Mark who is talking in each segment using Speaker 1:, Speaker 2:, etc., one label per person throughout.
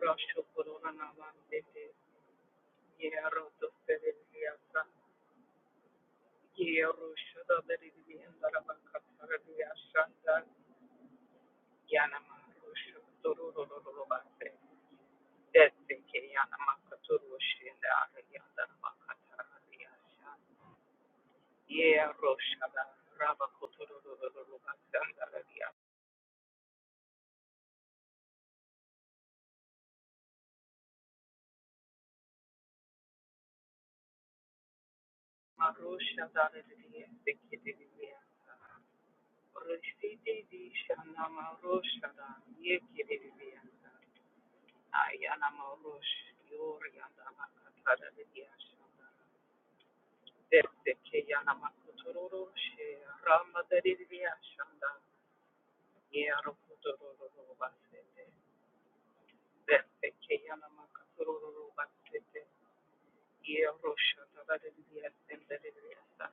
Speaker 1: Rosh Corona Navas, yeah, Roto Sedelia, Yeah, Ayana Marush, Yorianda Makatada Vidyashanda, Depeke Yana Makuturu, Rama Vidyashanda, Yero Kuturu Basete, Depeke Yana Makuturu Basete, Yero Shatada Vidyasenda Vidyasa,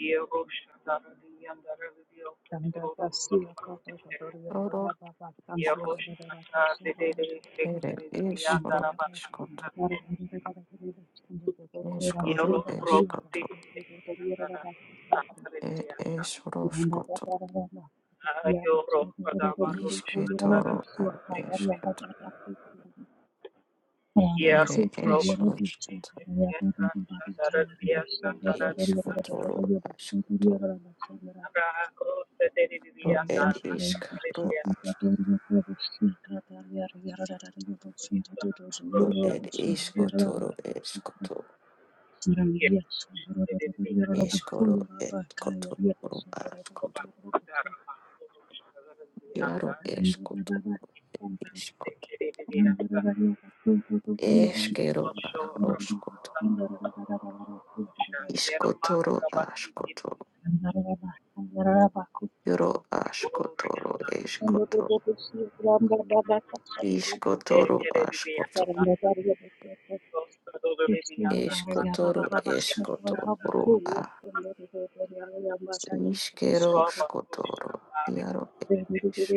Speaker 1: Yero Shatada Vidyanda Vidyokuturu Basete,
Speaker 2: Toro
Speaker 1: Yero Shatada Vidyanda
Speaker 2: ere eshoro ishkoto
Speaker 1: Vidyanda
Speaker 2: eshkoro
Speaker 1: Yoro Robati
Speaker 2: eshkoto
Speaker 1: Sandara
Speaker 2: ed
Speaker 1: Sandriasa
Speaker 2: eshoroshkoto
Speaker 1: Ayoro Padama
Speaker 2: ishke
Speaker 1: Rushandara
Speaker 2: toro ad eshketo
Speaker 1: Yer
Speaker 2: ere
Speaker 1: Robati
Speaker 2: eshoroshkoto
Speaker 1: Sandara Via Sandara
Speaker 2: ishkotoro ashkoto
Speaker 1: Rako Sederi
Speaker 2: ro ed
Speaker 1: Vianda
Speaker 2: ishk ro
Speaker 1: Sandria
Speaker 2: ash
Speaker 1: Sandra
Speaker 2: ro
Speaker 1: Rushada
Speaker 2: ed ishkotoro eshkoto
Speaker 1: Yer Sederi Vianda
Speaker 2: eshkoro ed koto ro ashkoto
Speaker 1: Sandara Rushada
Speaker 2: yaro
Speaker 1: Vianda
Speaker 2: eshkoto ishkoto
Speaker 1: Sederi Vianda
Speaker 2: eshkero ahroshkoto
Speaker 1: Social Yero
Speaker 2: ishkotoro
Speaker 1: mahrabasi
Speaker 2: ashkoto
Speaker 1: kibisa.
Speaker 2: Yoro ashkotoro
Speaker 1: Orianda.
Speaker 2: eshkoto. Ishkotoro
Speaker 1: Ekerebiya.
Speaker 2: ashkoto.
Speaker 1: Sodoribiyanda.
Speaker 2: Eshkotoro
Speaker 1: Nakaliyanda.
Speaker 2: eshkotoro a. Ishkero
Speaker 1: Roba Rusha.
Speaker 2: shkotoro. Yaro e ish.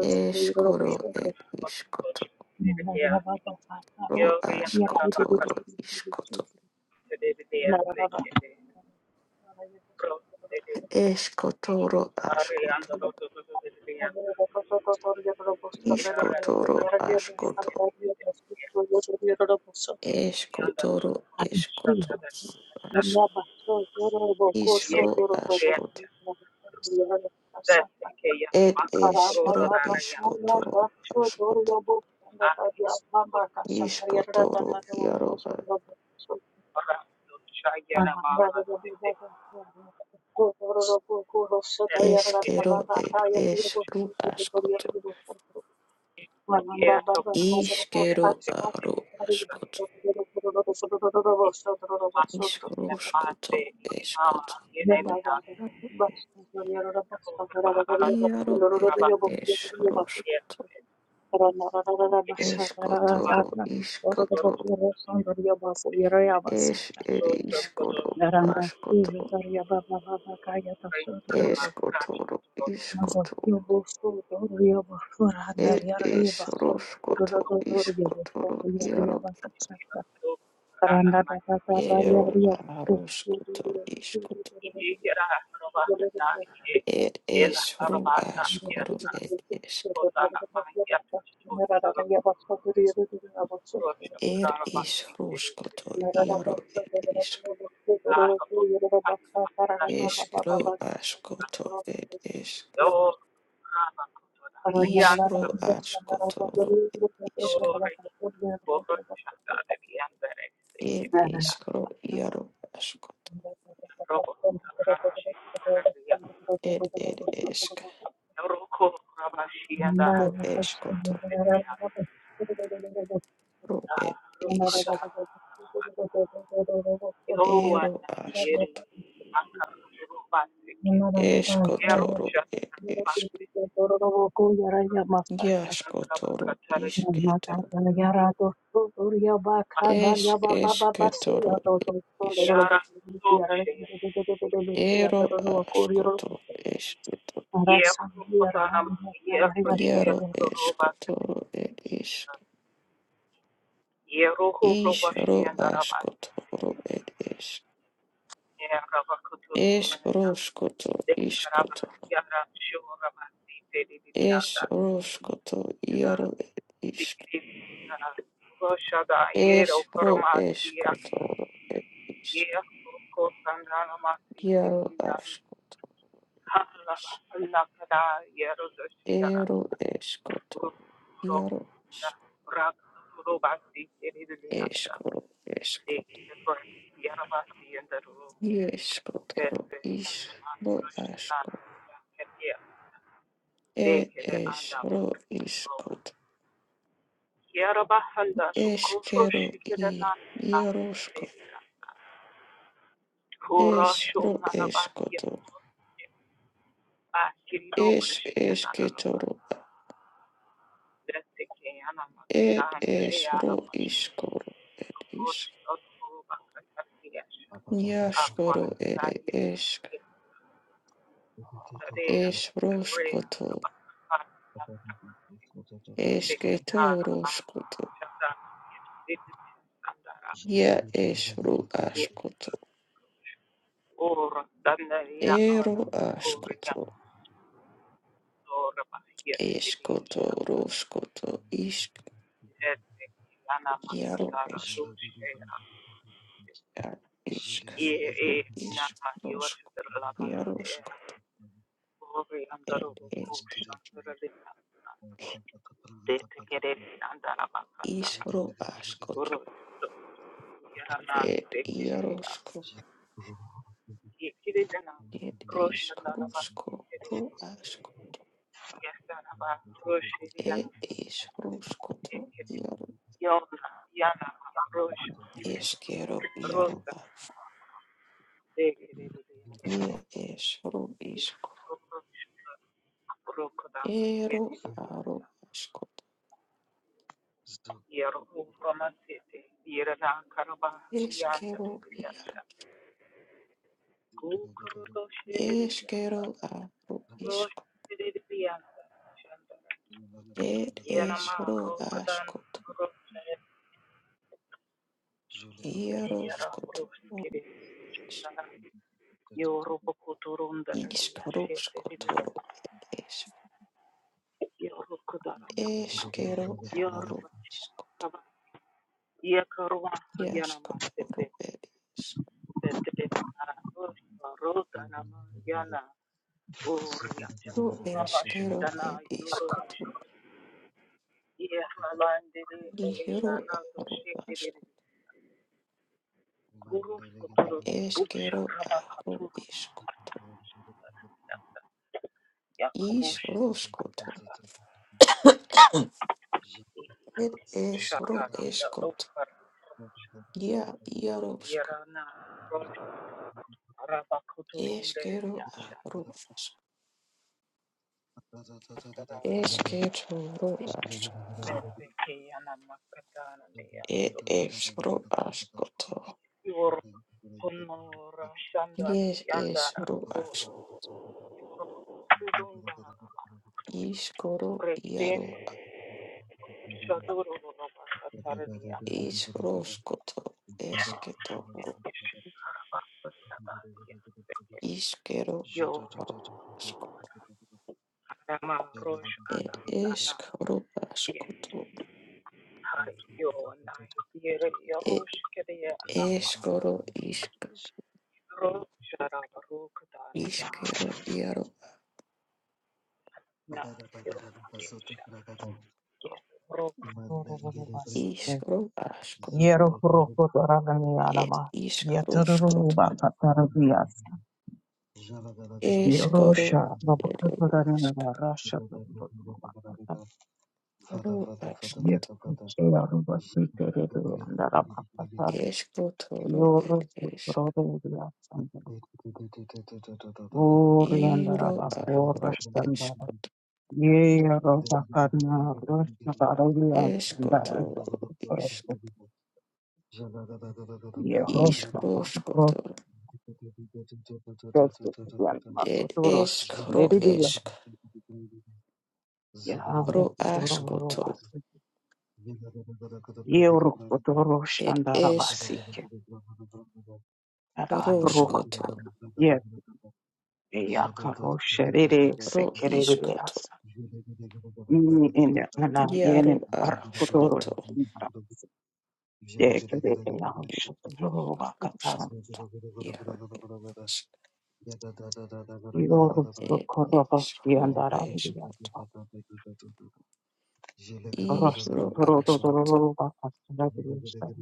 Speaker 2: Eshkoro
Speaker 1: Orianda.
Speaker 2: e ishkoto.
Speaker 1: Bakosha. Debiya.
Speaker 2: Ro
Speaker 1: Yorianda. Bakar.
Speaker 2: ashkotoro ishkoto.
Speaker 1: Debiya. Sekere. Pro. Debiya.
Speaker 2: Eshkotoro
Speaker 1: Arianda.
Speaker 2: ashkoto.
Speaker 1: Rodobiya. Yara.
Speaker 2: Ishkotoro ashkoto. Eshkotoro eshkoto.
Speaker 1: Orianda.
Speaker 2: Ash-
Speaker 1: Yes,
Speaker 2: Ishro
Speaker 1: yes.
Speaker 2: ashkoto.
Speaker 1: That's the
Speaker 2: Ed
Speaker 1: I'm I'm control of
Speaker 2: eshro
Speaker 1: that. I am
Speaker 2: eshkotoro ashkoto.
Speaker 1: put
Speaker 2: Iskotoro iaro a
Speaker 1: around the Cheyenne Mara. That's okay.
Speaker 2: eskero ed eskru askoto.
Speaker 1: Yeah, look, I'm going
Speaker 2: Iskero aro askoto.
Speaker 1: to
Speaker 2: Iskoro
Speaker 1: send my
Speaker 2: skoto
Speaker 1: day. Um,
Speaker 2: eskoto.
Speaker 1: you know, I'm going to
Speaker 2: Iaro ed
Speaker 1: have a
Speaker 2: eskro
Speaker 1: yes,
Speaker 2: skoto.
Speaker 1: yes, I'm
Speaker 2: Eskotoro
Speaker 1: going
Speaker 2: iskoto. Es ed
Speaker 1: to go to
Speaker 2: iskoro
Speaker 1: the one
Speaker 2: askoto.
Speaker 1: place that I'm going
Speaker 2: Eskotoro
Speaker 1: to go to.
Speaker 2: iskoto. Ed es roskoto iskotoro iaro
Speaker 1: So, I'm going
Speaker 2: ero
Speaker 1: to
Speaker 2: aroskoto iskoto.
Speaker 1: Yera Robana Yet
Speaker 2: It
Speaker 1: El
Speaker 2: is
Speaker 1: Arabana
Speaker 2: es
Speaker 1: Yatna
Speaker 2: It is. It is ed esk.
Speaker 1: Sotana Mayata Rocha
Speaker 2: Er is
Speaker 1: Karabasi
Speaker 2: ruskoto iaro ed isk. Eskro askoto It is esk.
Speaker 1: Oh Rama Kotona Yanta
Speaker 2: Isro askoto ro It is. Ro.
Speaker 1: Dore Borosha Yandere
Speaker 2: Ed
Speaker 1: Sekiria
Speaker 2: iskro iaro askoto.
Speaker 1: Robo Rashi Karia
Speaker 2: Ed ed
Speaker 1: Roko Rabashi and
Speaker 2: Ro eskoto.
Speaker 1: Arabia
Speaker 2: Ro It is.
Speaker 1: Rokota
Speaker 2: isk. Ero
Speaker 1: Yowanayere
Speaker 2: askoto.
Speaker 1: Makarubaseke
Speaker 2: Eskotoro
Speaker 1: Yerusha
Speaker 2: ed esk. Jaskotoro
Speaker 1: Bakatara
Speaker 2: isketo.
Speaker 1: shakara.
Speaker 2: Es esketoro
Speaker 1: Yara Toshe
Speaker 2: Ero aškoto ešketo.
Speaker 1: Yerukotana Yerushia
Speaker 2: Jaro
Speaker 1: Ruba
Speaker 2: eškoto ed ešk.
Speaker 1: Yeruhu Rubashi
Speaker 2: Išro
Speaker 1: and Arabas
Speaker 2: aškoto ro ed ešk.
Speaker 1: Yerabakuturu
Speaker 2: Eš roškoto iškoto.
Speaker 1: Yara Shurabasi
Speaker 2: Eš
Speaker 1: Tedidianda
Speaker 2: roškoto jaro ed išk.
Speaker 1: Koshada Yero
Speaker 2: Eš ro
Speaker 1: Koromandia
Speaker 2: eškoto ro ed išk.
Speaker 1: Yero Kosangana Masi
Speaker 2: Jaro
Speaker 1: Kirian
Speaker 2: aškos.
Speaker 1: Hala Nakada Yero Doshiana
Speaker 2: Ero eškoto.
Speaker 1: Rukro
Speaker 2: Jaro ešk.
Speaker 1: Rak Rubasi Kiridianta
Speaker 2: Eškro
Speaker 1: De
Speaker 2: eškoto.
Speaker 1: Yarabasi and the Ru
Speaker 2: Ješkoto ro
Speaker 1: Desi Yanaman Krishna
Speaker 2: išk.
Speaker 1: Ketia De
Speaker 2: Ed
Speaker 1: Kere Andama
Speaker 2: eshro ishkot.
Speaker 1: Yarabahanda Kofro
Speaker 2: Eshkero i
Speaker 1: Shikirana
Speaker 2: yaroshko.
Speaker 1: Korashon
Speaker 2: Eshro
Speaker 1: Nanabahia
Speaker 2: eshkoto. Esh
Speaker 1: Bakiriokashi and Anaraba.
Speaker 2: eshketoro.
Speaker 1: That's a
Speaker 2: Ed
Speaker 1: Kayanamakadan, the
Speaker 2: eshro
Speaker 1: Aramash,
Speaker 2: ishkoro. Ed
Speaker 1: Kosh
Speaker 2: ishk.
Speaker 1: of Bakatariasha,
Speaker 2: Nyashkoro ere
Speaker 1: Aquaharia,
Speaker 2: eshk.
Speaker 1: Yundadea, the Rea,
Speaker 2: Eshroshkoto.
Speaker 1: Rabakana, Beketarama,
Speaker 2: Eshketoroshkoto.
Speaker 1: Shata, Sandara,
Speaker 2: Ya eshro
Speaker 1: Yes,
Speaker 2: ashkoto.
Speaker 1: or Dandaria
Speaker 2: Ero
Speaker 1: Anama, Oria,
Speaker 2: ashkoto.
Speaker 1: Norabahia, Tidia,
Speaker 2: Eshkotoroshkoto. Ishk.
Speaker 1: Tete yana
Speaker 2: Yaro
Speaker 1: makatara
Speaker 2: eshk.
Speaker 1: doshe
Speaker 2: Ar išk,
Speaker 1: ye
Speaker 2: ru
Speaker 1: e na
Speaker 2: išk,
Speaker 1: mayor
Speaker 2: rošk,
Speaker 1: la de
Speaker 2: jaroškot,
Speaker 1: ori andaro
Speaker 2: ed
Speaker 1: kusha
Speaker 2: esket,
Speaker 1: andara de de tekere andara
Speaker 2: iš
Speaker 1: makatara
Speaker 2: ru aškot,
Speaker 1: uru yana na
Speaker 2: ed
Speaker 1: tekere
Speaker 2: jaroško,
Speaker 1: ye kire jana
Speaker 2: ed
Speaker 1: rosha
Speaker 2: išk,
Speaker 1: andara ba
Speaker 2: ruško, ru aško,
Speaker 1: yesa na ba roshi
Speaker 2: ed
Speaker 1: yana
Speaker 2: iš ruškot,
Speaker 1: tekere
Speaker 2: jaru
Speaker 1: yona yana rosha
Speaker 2: eskero, jaru
Speaker 1: rosa
Speaker 2: a,
Speaker 1: tekere de
Speaker 2: je es ru iško,
Speaker 1: ya rokodama yete
Speaker 2: eru
Speaker 1: de ya
Speaker 2: aru aškot,
Speaker 1: Yeru Ramasete, Yerana Karabahriyanda
Speaker 2: eskero, jaru,
Speaker 1: Ridilyasha, Gukuru
Speaker 2: eskero
Speaker 1: Doshiridilyasana,
Speaker 2: aru iško,
Speaker 1: Doshiridilyasana, Shandana,
Speaker 2: ed es
Speaker 1: Yenama
Speaker 2: ru
Speaker 1: Rokatan Rosaya, Yera
Speaker 2: aškot,
Speaker 1: Ruskiri, Yoru Kuturunda
Speaker 2: Iskoro
Speaker 1: Ridilyashete,
Speaker 2: skotoro es
Speaker 1: Yoru Kudarania,
Speaker 2: eskero
Speaker 1: Yoru
Speaker 2: aro iskoto
Speaker 1: Kaba, Yekarwa Yanama
Speaker 2: iaskotoro
Speaker 1: Sete,
Speaker 2: ed
Speaker 1: Sete Kara, Rota Nama Oria
Speaker 2: iskoro eskero
Speaker 1: Rabashana
Speaker 2: ed
Speaker 1: Yurush
Speaker 2: iskoto
Speaker 1: Yehalandiri
Speaker 2: nihiro
Speaker 1: Elianato
Speaker 2: aro
Speaker 1: Shekiri
Speaker 2: asko
Speaker 1: Guru Suturu Buksha
Speaker 2: eskero aro
Speaker 1: Rabakaturu
Speaker 2: iskoto
Speaker 1: Yakurushi
Speaker 2: isro skoto ed esro
Speaker 1: Shataranda
Speaker 2: eskoto
Speaker 1: Lokar
Speaker 2: ia iaro sko
Speaker 1: Yerana Rabakuturun
Speaker 2: eskero aro
Speaker 1: Deriliashanda Tara
Speaker 2: esketoro asko
Speaker 1: Vedvekiyana Makatana
Speaker 2: ed
Speaker 1: Niyasu
Speaker 2: esro askoto
Speaker 1: Yur Punura
Speaker 2: Yes,
Speaker 1: Shandari
Speaker 2: es
Speaker 1: Yandara Kuru
Speaker 2: Iskoro
Speaker 1: Break then
Speaker 2: iaro iskroskoto esketoro iskero
Speaker 1: Yo,
Speaker 2: asko
Speaker 1: Rama Rosh
Speaker 2: et
Speaker 1: Adayana,
Speaker 2: eskoro askoto
Speaker 1: Yo, Nai, Yere,
Speaker 2: et
Speaker 1: Yarush, Kedayana,
Speaker 2: eskoro isk
Speaker 1: Roshara, Rukadanaya,
Speaker 2: iskero iaro
Speaker 1: Na, Yerusha, Yerokorobas,
Speaker 2: iskro askot et
Speaker 1: Yerokorokotoraniyarama,
Speaker 2: iskroskot
Speaker 1: Yetororoba katarabiyasa,
Speaker 2: eskoro
Speaker 1: Yerosha,
Speaker 2: et
Speaker 1: Rabokotoraniyarama, Rasha,
Speaker 2: iskro
Speaker 1: Yeh
Speaker 2: askot
Speaker 1: khucheya roba sister to andara bhasar
Speaker 2: eskotoro
Speaker 1: yor ro
Speaker 2: et
Speaker 1: to ro
Speaker 2: esk
Speaker 1: to dilasandhuri andara
Speaker 2: iro
Speaker 1: bhor
Speaker 2: aro
Speaker 1: asandhara
Speaker 2: eskot
Speaker 1: yeh ro ta karna ro saara dilasandhara
Speaker 2: eskotoro
Speaker 1: ro to yeh ro sambar ro
Speaker 2: Ishkoshkoto.
Speaker 1: kaise dilam akto
Speaker 2: It
Speaker 1: ro
Speaker 2: ishk ro
Speaker 1: shandari dilam
Speaker 2: ishk
Speaker 1: yeh ro
Speaker 2: ro
Speaker 1: to ro roba
Speaker 2: ashkoto.
Speaker 1: yeh ro koto ro
Speaker 2: It
Speaker 1: shandara
Speaker 2: ishk
Speaker 1: basi ke andara ro kama
Speaker 2: roshkoto.
Speaker 1: yeh aya karo shere se
Speaker 2: Ro
Speaker 1: kere dilas.
Speaker 2: ishkoto.
Speaker 1: Ni ene ana yene
Speaker 2: Yaro
Speaker 1: ara kotoro
Speaker 2: ashkoto.
Speaker 1: ara ye kere ya
Speaker 2: It
Speaker 1: hosho toro wa katara
Speaker 2: roshko.
Speaker 1: ya
Speaker 2: Yaro
Speaker 1: iro sto
Speaker 2: It
Speaker 1: koro ba
Speaker 2: ishk
Speaker 1: shi
Speaker 2: ro
Speaker 1: andara
Speaker 2: ishk.
Speaker 1: ya ro
Speaker 2: I
Speaker 1: sto
Speaker 2: ro
Speaker 1: toro to
Speaker 2: ashkoto.
Speaker 1: toro wa katara ya sta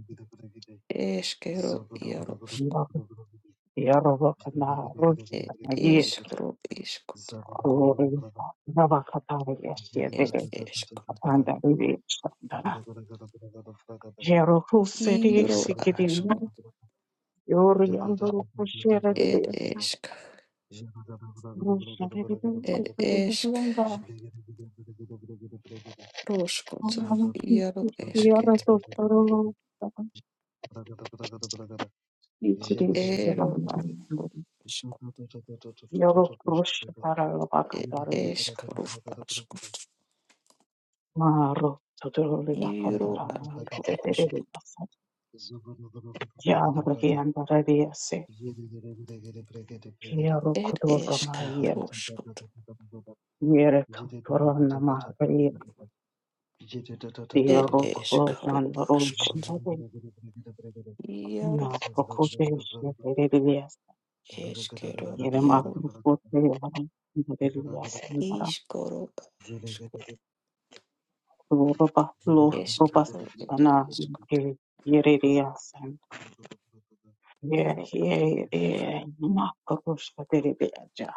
Speaker 2: Ishke yaroshko.
Speaker 1: iro ya ro wa kana ro sto
Speaker 2: It
Speaker 1: na ye
Speaker 2: ishk ro ishkoto.
Speaker 1: to na wa katara ya shi
Speaker 2: It
Speaker 1: ke
Speaker 2: ishk.
Speaker 1: apanda ri sta andara ye ro ku se ri
Speaker 2: iro ro
Speaker 1: si
Speaker 2: ashk.
Speaker 1: na yo ri andoro ku shere de
Speaker 2: It
Speaker 1: ya
Speaker 2: ishk.
Speaker 1: ro shere de ku
Speaker 2: It
Speaker 1: se de
Speaker 2: ishk.
Speaker 1: de
Speaker 2: Roskoto, Yaro Esket, Ero Asko, Ed Eskaro Asko, Yero Aro Asko, Ed Eskaro Skoto, Ed Eskaro Askoto, Yaro Asko, Eskero Yaro Iskoro Asko,
Speaker 1: Roba lo roba
Speaker 2: Eskero Ed
Speaker 1: sana
Speaker 2: Eskot,
Speaker 1: yere yere yasen ye
Speaker 2: Yaro
Speaker 1: ye ye ma koruş kaderi beja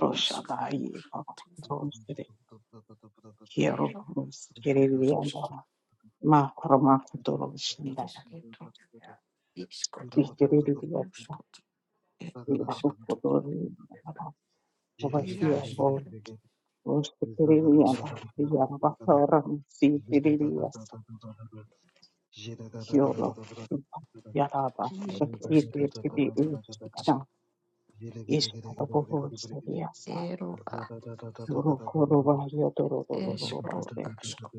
Speaker 1: roşa da
Speaker 2: Iskoro
Speaker 1: iyi baba
Speaker 2: Skoto,
Speaker 1: roşa da yero
Speaker 2: Ero
Speaker 1: roş yere
Speaker 2: Asko,
Speaker 1: yanda ma korma kuturu şunda
Speaker 2: Esketo, Iskoto,
Speaker 1: yere yasa
Speaker 2: Ruskot.
Speaker 1: ya ru kuturu roba şiya bo
Speaker 2: Iasco,
Speaker 1: roş yere yanda
Speaker 2: Isco,
Speaker 1: ya baba ram si yere yasa yoro ya baba
Speaker 2: Ie
Speaker 1: roş yere
Speaker 2: Esceto,
Speaker 1: yasa
Speaker 2: Isco,
Speaker 1: ishkaboshadiyasa
Speaker 2: Ero, a-
Speaker 1: yorokoroba
Speaker 2: Escro,
Speaker 1: yotorororobase
Speaker 2: Asco,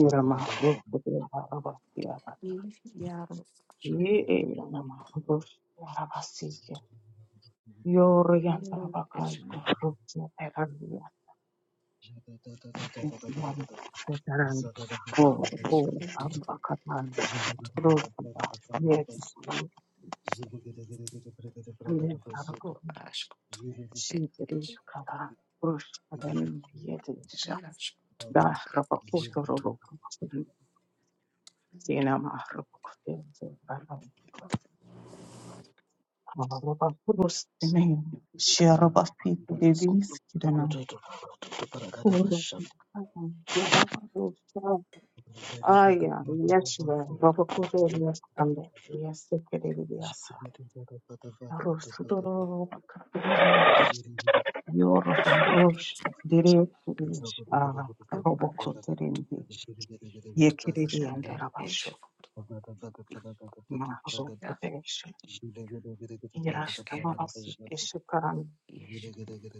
Speaker 1: irama rokodebarabasiyabana
Speaker 2: Iaro, Asco,
Speaker 1: ye eyanama roshiyarabasike
Speaker 2: Ero, Esco,
Speaker 1: yoroyantarabakaya rokieteraniyaesiyana tetaran koro koro
Speaker 2: Iscotero,
Speaker 1: ambakatana rokiba yetiru
Speaker 2: Ro,
Speaker 1: alentarabaki
Speaker 2: Asco, Ed, Es,
Speaker 1: shiterutkala roshkadenama yetirisha
Speaker 2: Iasco, Toro, Ed, Isco,
Speaker 1: dahrabakotororo Sina maharukukutea zebara maharuba kurus tene sheraba fitu liris kidana kurba yaraba rusha aya yeshwe roba kure yastanda yeste kerebe yasa rusu doro yoro
Speaker 2: Iasco,
Speaker 1: rush dire rush a
Speaker 2: Ro,
Speaker 1: robo
Speaker 2: Asco,
Speaker 1: kuterindi yekerebe
Speaker 2: Ro, Ed,
Speaker 1: yandarabasho
Speaker 2: Esco, Ia,
Speaker 1: maharukuteshi ira
Speaker 2: Esquero,
Speaker 1: amabasi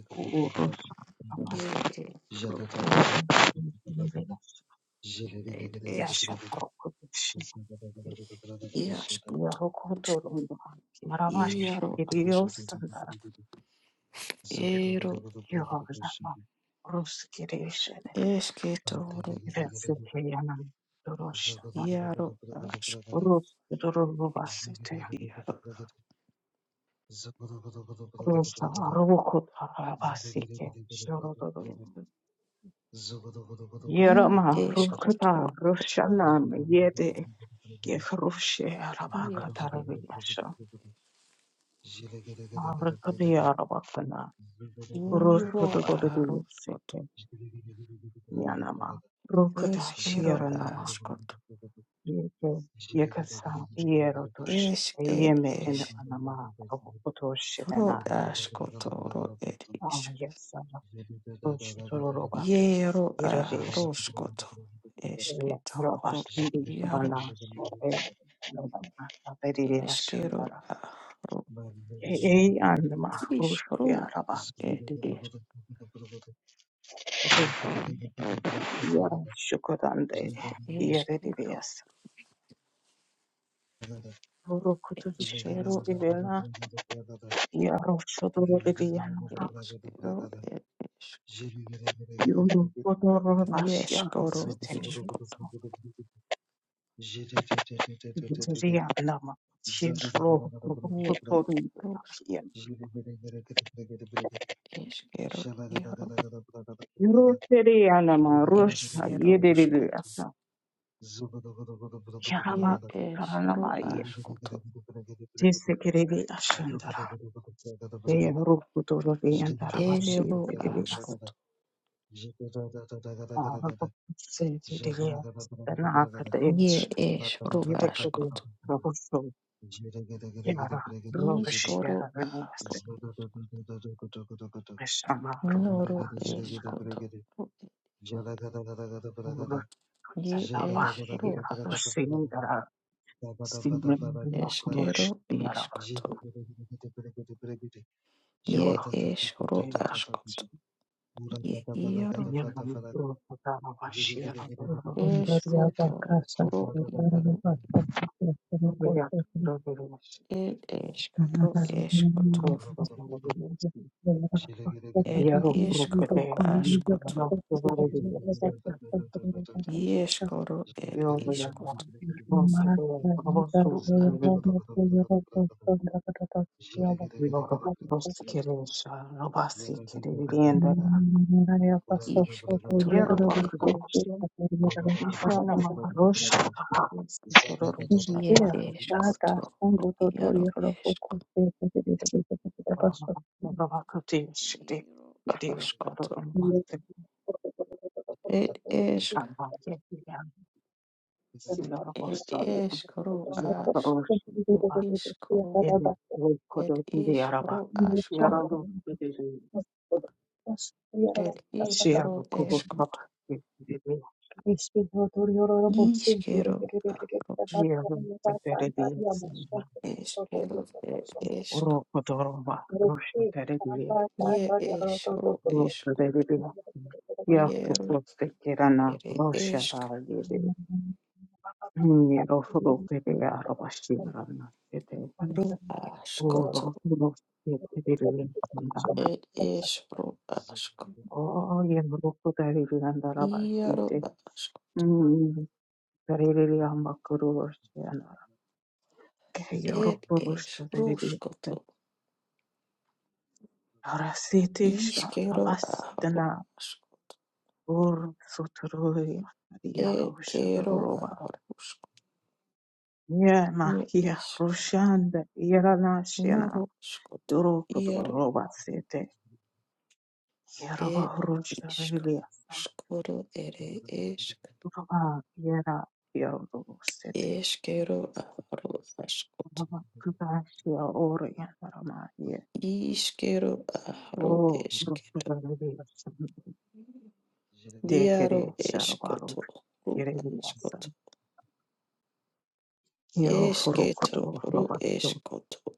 Speaker 1: Urus apa
Speaker 2: E,
Speaker 1: Urus Urus Yasha Rokotushi Yarokotorondo Maravashi Kirios Sandara
Speaker 2: Ero
Speaker 1: Yorama Rus Kirishede
Speaker 2: esketoro
Speaker 1: Vesiteyana Duroshada
Speaker 2: iaro asko
Speaker 1: Rus
Speaker 2: es
Speaker 1: Durubasite
Speaker 2: iaro
Speaker 1: Rusa Rokotarabasike Shorodoro
Speaker 2: i
Speaker 1: Yerama Rokota
Speaker 2: eskotoro et
Speaker 1: Roshanam Yede Gehrushe
Speaker 2: ieske
Speaker 1: Arabakataravilasha Arakataya Rabakana,
Speaker 2: iro aroskoto
Speaker 1: Roshotodododiyaseke, Yanama,
Speaker 2: eskero
Speaker 1: Rokatashiranama,
Speaker 2: askoto
Speaker 1: Yeke, Yekasa, Yerotoshi,
Speaker 2: es et
Speaker 1: Yeme and
Speaker 2: es
Speaker 1: Anama,
Speaker 2: ro
Speaker 1: Rokotoshidana,
Speaker 2: askotoro et isk
Speaker 1: Yasa, Roshotoroba,
Speaker 2: iero
Speaker 1: Iradesh,
Speaker 2: aroskoto
Speaker 1: Roba,
Speaker 2: esketoro iaro
Speaker 1: Banashi, Nobama, Peridia
Speaker 2: eskero
Speaker 1: Shandara,
Speaker 2: aro
Speaker 1: E. Anama,
Speaker 2: is
Speaker 1: Roshia
Speaker 2: ro et
Speaker 1: Rabaki, Yara shokorande yere
Speaker 2: Eskero,
Speaker 1: dibias. Oro kutubishi
Speaker 2: eskero,
Speaker 1: stilena yaro shodoro dibiana.
Speaker 2: eskero,
Speaker 1: Yoro kodoro bashia
Speaker 2: eskoro,
Speaker 1: rosu
Speaker 2: iskoto,
Speaker 1: terenisa. Yutiria nama. Shiro robo
Speaker 2: nie
Speaker 1: kotoru
Speaker 2: iskoto,
Speaker 1: dibiana.
Speaker 2: eskero, iaro,
Speaker 1: Yoro teriana ma rosha
Speaker 2: eskero,
Speaker 1: yede
Speaker 2: skoto,
Speaker 1: dibiata. Yaraba
Speaker 2: nie esro, askoto,
Speaker 1: ashandara. Yoro kodoro dibiana. Rabashi
Speaker 2: ero, askoto,
Speaker 1: Oh, but see, dear, then after each
Speaker 2: nie
Speaker 1: year,
Speaker 2: esro,
Speaker 1: although the
Speaker 2: askoto,
Speaker 1: progress is made, the progress is made,
Speaker 2: iskoro,
Speaker 1: but
Speaker 2: aro, noro, eskoto, nie esro, askoto, eskero, iskoto,
Speaker 1: the work
Speaker 2: nie esro, askoto. Ye iaro eskoto ro iaro ed eskoro
Speaker 1: is not
Speaker 2: eskoto
Speaker 1: done.
Speaker 2: ed
Speaker 1: Yellow broke the
Speaker 2: iskoro
Speaker 1: day,
Speaker 2: askoto
Speaker 1: no severity except
Speaker 2: ieskoro ed
Speaker 1: will the
Speaker 2: iskoto
Speaker 1: broke the day, robust
Speaker 2: ro
Speaker 1: suit,
Speaker 2: as
Speaker 1: we go most kirisha, robasi kirienda, yellow
Speaker 2: isketoro ed
Speaker 1: bakudisha, ishana makarosha, yes, the korusha
Speaker 2: ie
Speaker 1: karanis,
Speaker 2: eskoto iaro esko
Speaker 1: robakutish,
Speaker 2: iro
Speaker 1: kiri,
Speaker 2: askoto
Speaker 1: romaster,
Speaker 2: ed esk
Speaker 1: and yet, silver
Speaker 2: ed
Speaker 1: apostle,
Speaker 2: eskoro
Speaker 1: Yellow
Speaker 2: asko
Speaker 1: Rosh,
Speaker 2: isko
Speaker 1: Ela rokodo
Speaker 2: ed
Speaker 1: ndi araba.
Speaker 2: iskoro asko
Speaker 1: Yarado division.
Speaker 2: ed iskoro
Speaker 1: Shiado kubo
Speaker 2: eskoto
Speaker 1: baba.
Speaker 2: Ishkero aros,
Speaker 1: Yero tetere di sinda.
Speaker 2: eskero er esk,
Speaker 1: Rokodo roba. Rusha tere di yasin.
Speaker 2: ye esro esk,
Speaker 1: Rokodo tere di yasin. Ya
Speaker 2: yero
Speaker 1: proposte kirana.
Speaker 2: ere
Speaker 1: Rusha
Speaker 2: esk,
Speaker 1: rara yede. Ni rofuro pere araba shimrana. Tete.
Speaker 2: ro
Speaker 1: O
Speaker 2: askoto,
Speaker 1: rofuro tere di yasin.
Speaker 2: et esro asko,
Speaker 1: O yem rokodo tere di yandaraba.
Speaker 2: yero
Speaker 1: Tete.
Speaker 2: asko,
Speaker 1: Yaririya makurushi anarake
Speaker 2: et
Speaker 1: yorokurusha
Speaker 2: esro
Speaker 1: yaririya
Speaker 2: skoto,
Speaker 1: arasitisha
Speaker 2: ishkero aro
Speaker 1: rabastana
Speaker 2: asko,
Speaker 1: ur suturuya
Speaker 2: et
Speaker 1: yarusha
Speaker 2: kero
Speaker 1: roroba
Speaker 2: arosko,
Speaker 1: yema
Speaker 2: ye
Speaker 1: hiya
Speaker 2: isk,
Speaker 1: rushanda yaranashina
Speaker 2: noro skoto, yero
Speaker 1: yorokuruba sete yaroba
Speaker 2: et
Speaker 1: rusha
Speaker 2: isk,
Speaker 1: yaririya
Speaker 2: skoro ere esk.
Speaker 1: roba yara yarosete
Speaker 2: Eskero aro askoto.
Speaker 1: roba kudashi orya rama ye
Speaker 2: Iskero aro
Speaker 1: o
Speaker 2: esketo.
Speaker 1: rukuruya
Speaker 2: Iaro
Speaker 1: Dekere Sharabaru
Speaker 2: eskoto. Ru askoto.
Speaker 1: Yereviasan Yero
Speaker 2: Esketo
Speaker 1: Furukoto
Speaker 2: ru
Speaker 1: Robato
Speaker 2: eskoto.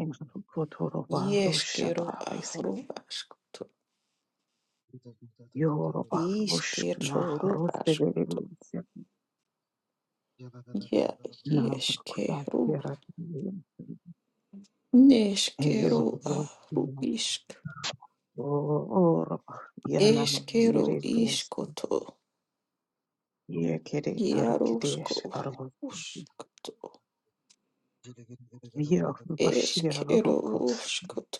Speaker 1: Imkoto Roba
Speaker 2: Ieskero
Speaker 1: Rushata Basi
Speaker 2: aro askoto.
Speaker 1: Yoroba Rushkna
Speaker 2: Isketo ru
Speaker 1: Ruste
Speaker 2: askoto.
Speaker 1: Derevisia
Speaker 2: Ia
Speaker 1: Navrakuta
Speaker 2: ieskero.
Speaker 1: Yeratilian Yo
Speaker 2: Neskero aro isk.
Speaker 1: Oroba Yanama
Speaker 2: Eskero
Speaker 1: Yereviasan
Speaker 2: iskoto.
Speaker 1: Yekere
Speaker 2: Iarosko
Speaker 1: Arkadesh Arbo
Speaker 2: usk.
Speaker 1: Yerobashia
Speaker 2: Eskero
Speaker 1: Rokot
Speaker 2: uskoto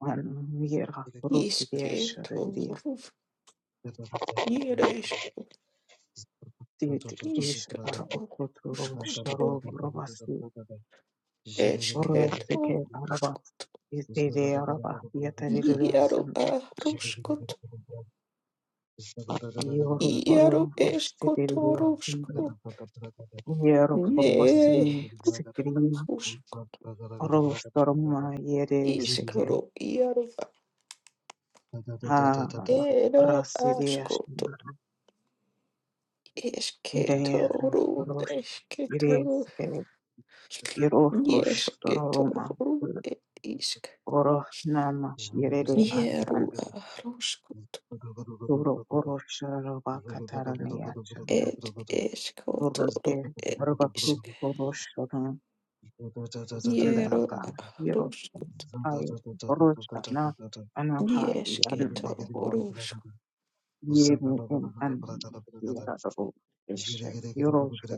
Speaker 1: An Yera
Speaker 2: isketo
Speaker 1: Rukidesh
Speaker 2: ruf iresko
Speaker 1: Did is
Speaker 2: isketo
Speaker 1: arabo kotoro
Speaker 2: uskoto
Speaker 1: sharo robasi
Speaker 2: esketo
Speaker 1: oraseke araba
Speaker 2: usko
Speaker 1: is dede araba yatarirya
Speaker 2: iaro
Speaker 1: sanda
Speaker 2: a ruskoto
Speaker 1: yoro
Speaker 2: iaro
Speaker 1: poro
Speaker 2: eskoto
Speaker 1: rostedirya sanda
Speaker 2: rusko
Speaker 1: yoro
Speaker 2: ne
Speaker 1: porbasin sekirina
Speaker 2: rusko
Speaker 1: oro storma yere seke
Speaker 2: iskoro iaro a
Speaker 1: ha
Speaker 2: ero
Speaker 1: rasidya sanda
Speaker 2: askoto esketo
Speaker 1: ide
Speaker 2: ru
Speaker 1: rosh ide
Speaker 2: esketo ru
Speaker 1: seke yoro rosh
Speaker 2: esketo
Speaker 1: toroma
Speaker 2: et isk
Speaker 1: oro nama yere
Speaker 2: Hieru ahrusku
Speaker 1: Toro Orosha Roba Katarania Chanda
Speaker 2: et eskotoro
Speaker 1: Oroke
Speaker 2: et
Speaker 1: Robaku
Speaker 2: isk.
Speaker 1: Oroshana
Speaker 2: Hieru
Speaker 1: Sandaraka Hiro
Speaker 2: ahrusku
Speaker 1: Hai Oroshana Anahai
Speaker 2: Yesketo
Speaker 1: Anumakor
Speaker 2: rusku.
Speaker 1: Yemi in An Yarabo Eshe Yorosha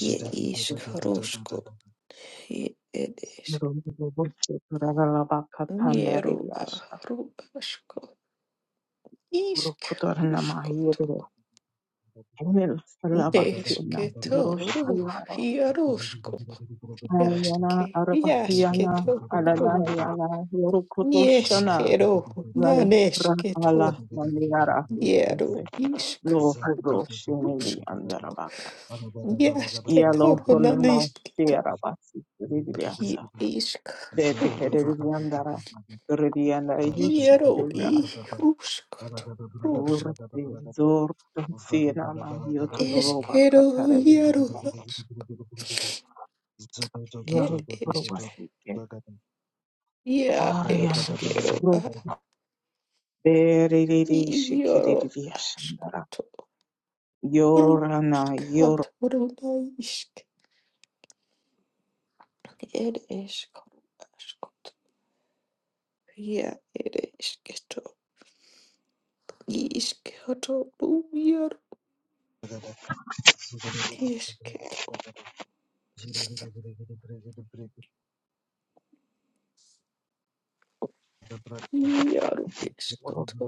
Speaker 2: Ye isk
Speaker 1: Yakuta
Speaker 2: rusku. Ye et isk.
Speaker 1: Yorosha Ragalaba Katandari
Speaker 2: Hieru
Speaker 1: Yasha
Speaker 2: ahrusku. Isk
Speaker 1: Urukutarana
Speaker 2: rusku to.
Speaker 1: Mahiro Enel Labakina
Speaker 2: Desketo ru.
Speaker 1: Yorosha
Speaker 2: Hierusku.
Speaker 1: Ayana
Speaker 2: Yaske.
Speaker 1: Arabayana
Speaker 2: Yasketo ru.
Speaker 1: Alanayana Yorukotoshana
Speaker 2: Yeskero.
Speaker 1: Yala Ra
Speaker 2: Nanesketo.
Speaker 1: Ala Mandiara
Speaker 2: Iero
Speaker 1: Hustise
Speaker 2: ishk
Speaker 1: Lo Hado Shinili
Speaker 2: rushkato.
Speaker 1: Andarabaka
Speaker 2: Iasketo
Speaker 1: Yalo Honumo
Speaker 2: runanishketo.
Speaker 1: Sierabasi
Speaker 2: Hi
Speaker 1: Ridiasa
Speaker 2: ishk.
Speaker 1: De Tekeriandara Ridiana
Speaker 2: Iero i
Speaker 1: Yushikira
Speaker 2: rushkato. Rushk.
Speaker 1: Urti Zor Sienama Yotoroba
Speaker 2: Eskero
Speaker 1: Kataria
Speaker 2: iero as. Et isk.
Speaker 1: Yorubasti
Speaker 2: Ia
Speaker 1: Arianduru
Speaker 2: eskero a.
Speaker 1: Beriri
Speaker 2: Iero
Speaker 1: shikiriri shandara.
Speaker 2: askuto.
Speaker 1: Yorana
Speaker 2: Rushkato
Speaker 1: yororo
Speaker 2: runanishk. Et isk. Askuto. Ia ere Ishketo yaro ishketo yaro ishketo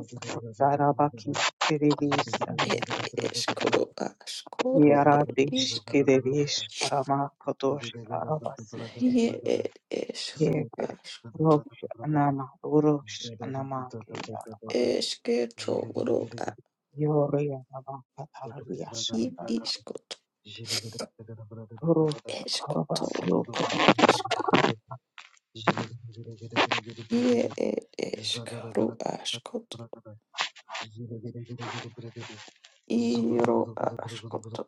Speaker 1: darabaki shiriri sandara.
Speaker 2: ed ishkoro askoro ed
Speaker 1: Yarati
Speaker 2: isk.
Speaker 1: shikiriri sharama kadosh arabasike.
Speaker 2: ye ed ishro
Speaker 1: Yepere.
Speaker 2: ask
Speaker 1: Rosh anama urosh anama ke arabasi.
Speaker 2: ishketo ro a
Speaker 1: Yori anama katarari
Speaker 2: ye
Speaker 1: shandara.
Speaker 2: ishkoto
Speaker 1: Rosh
Speaker 2: ishkoto
Speaker 1: araba yokuda.
Speaker 2: ed isk. ye ed ishkoro askot iro askoto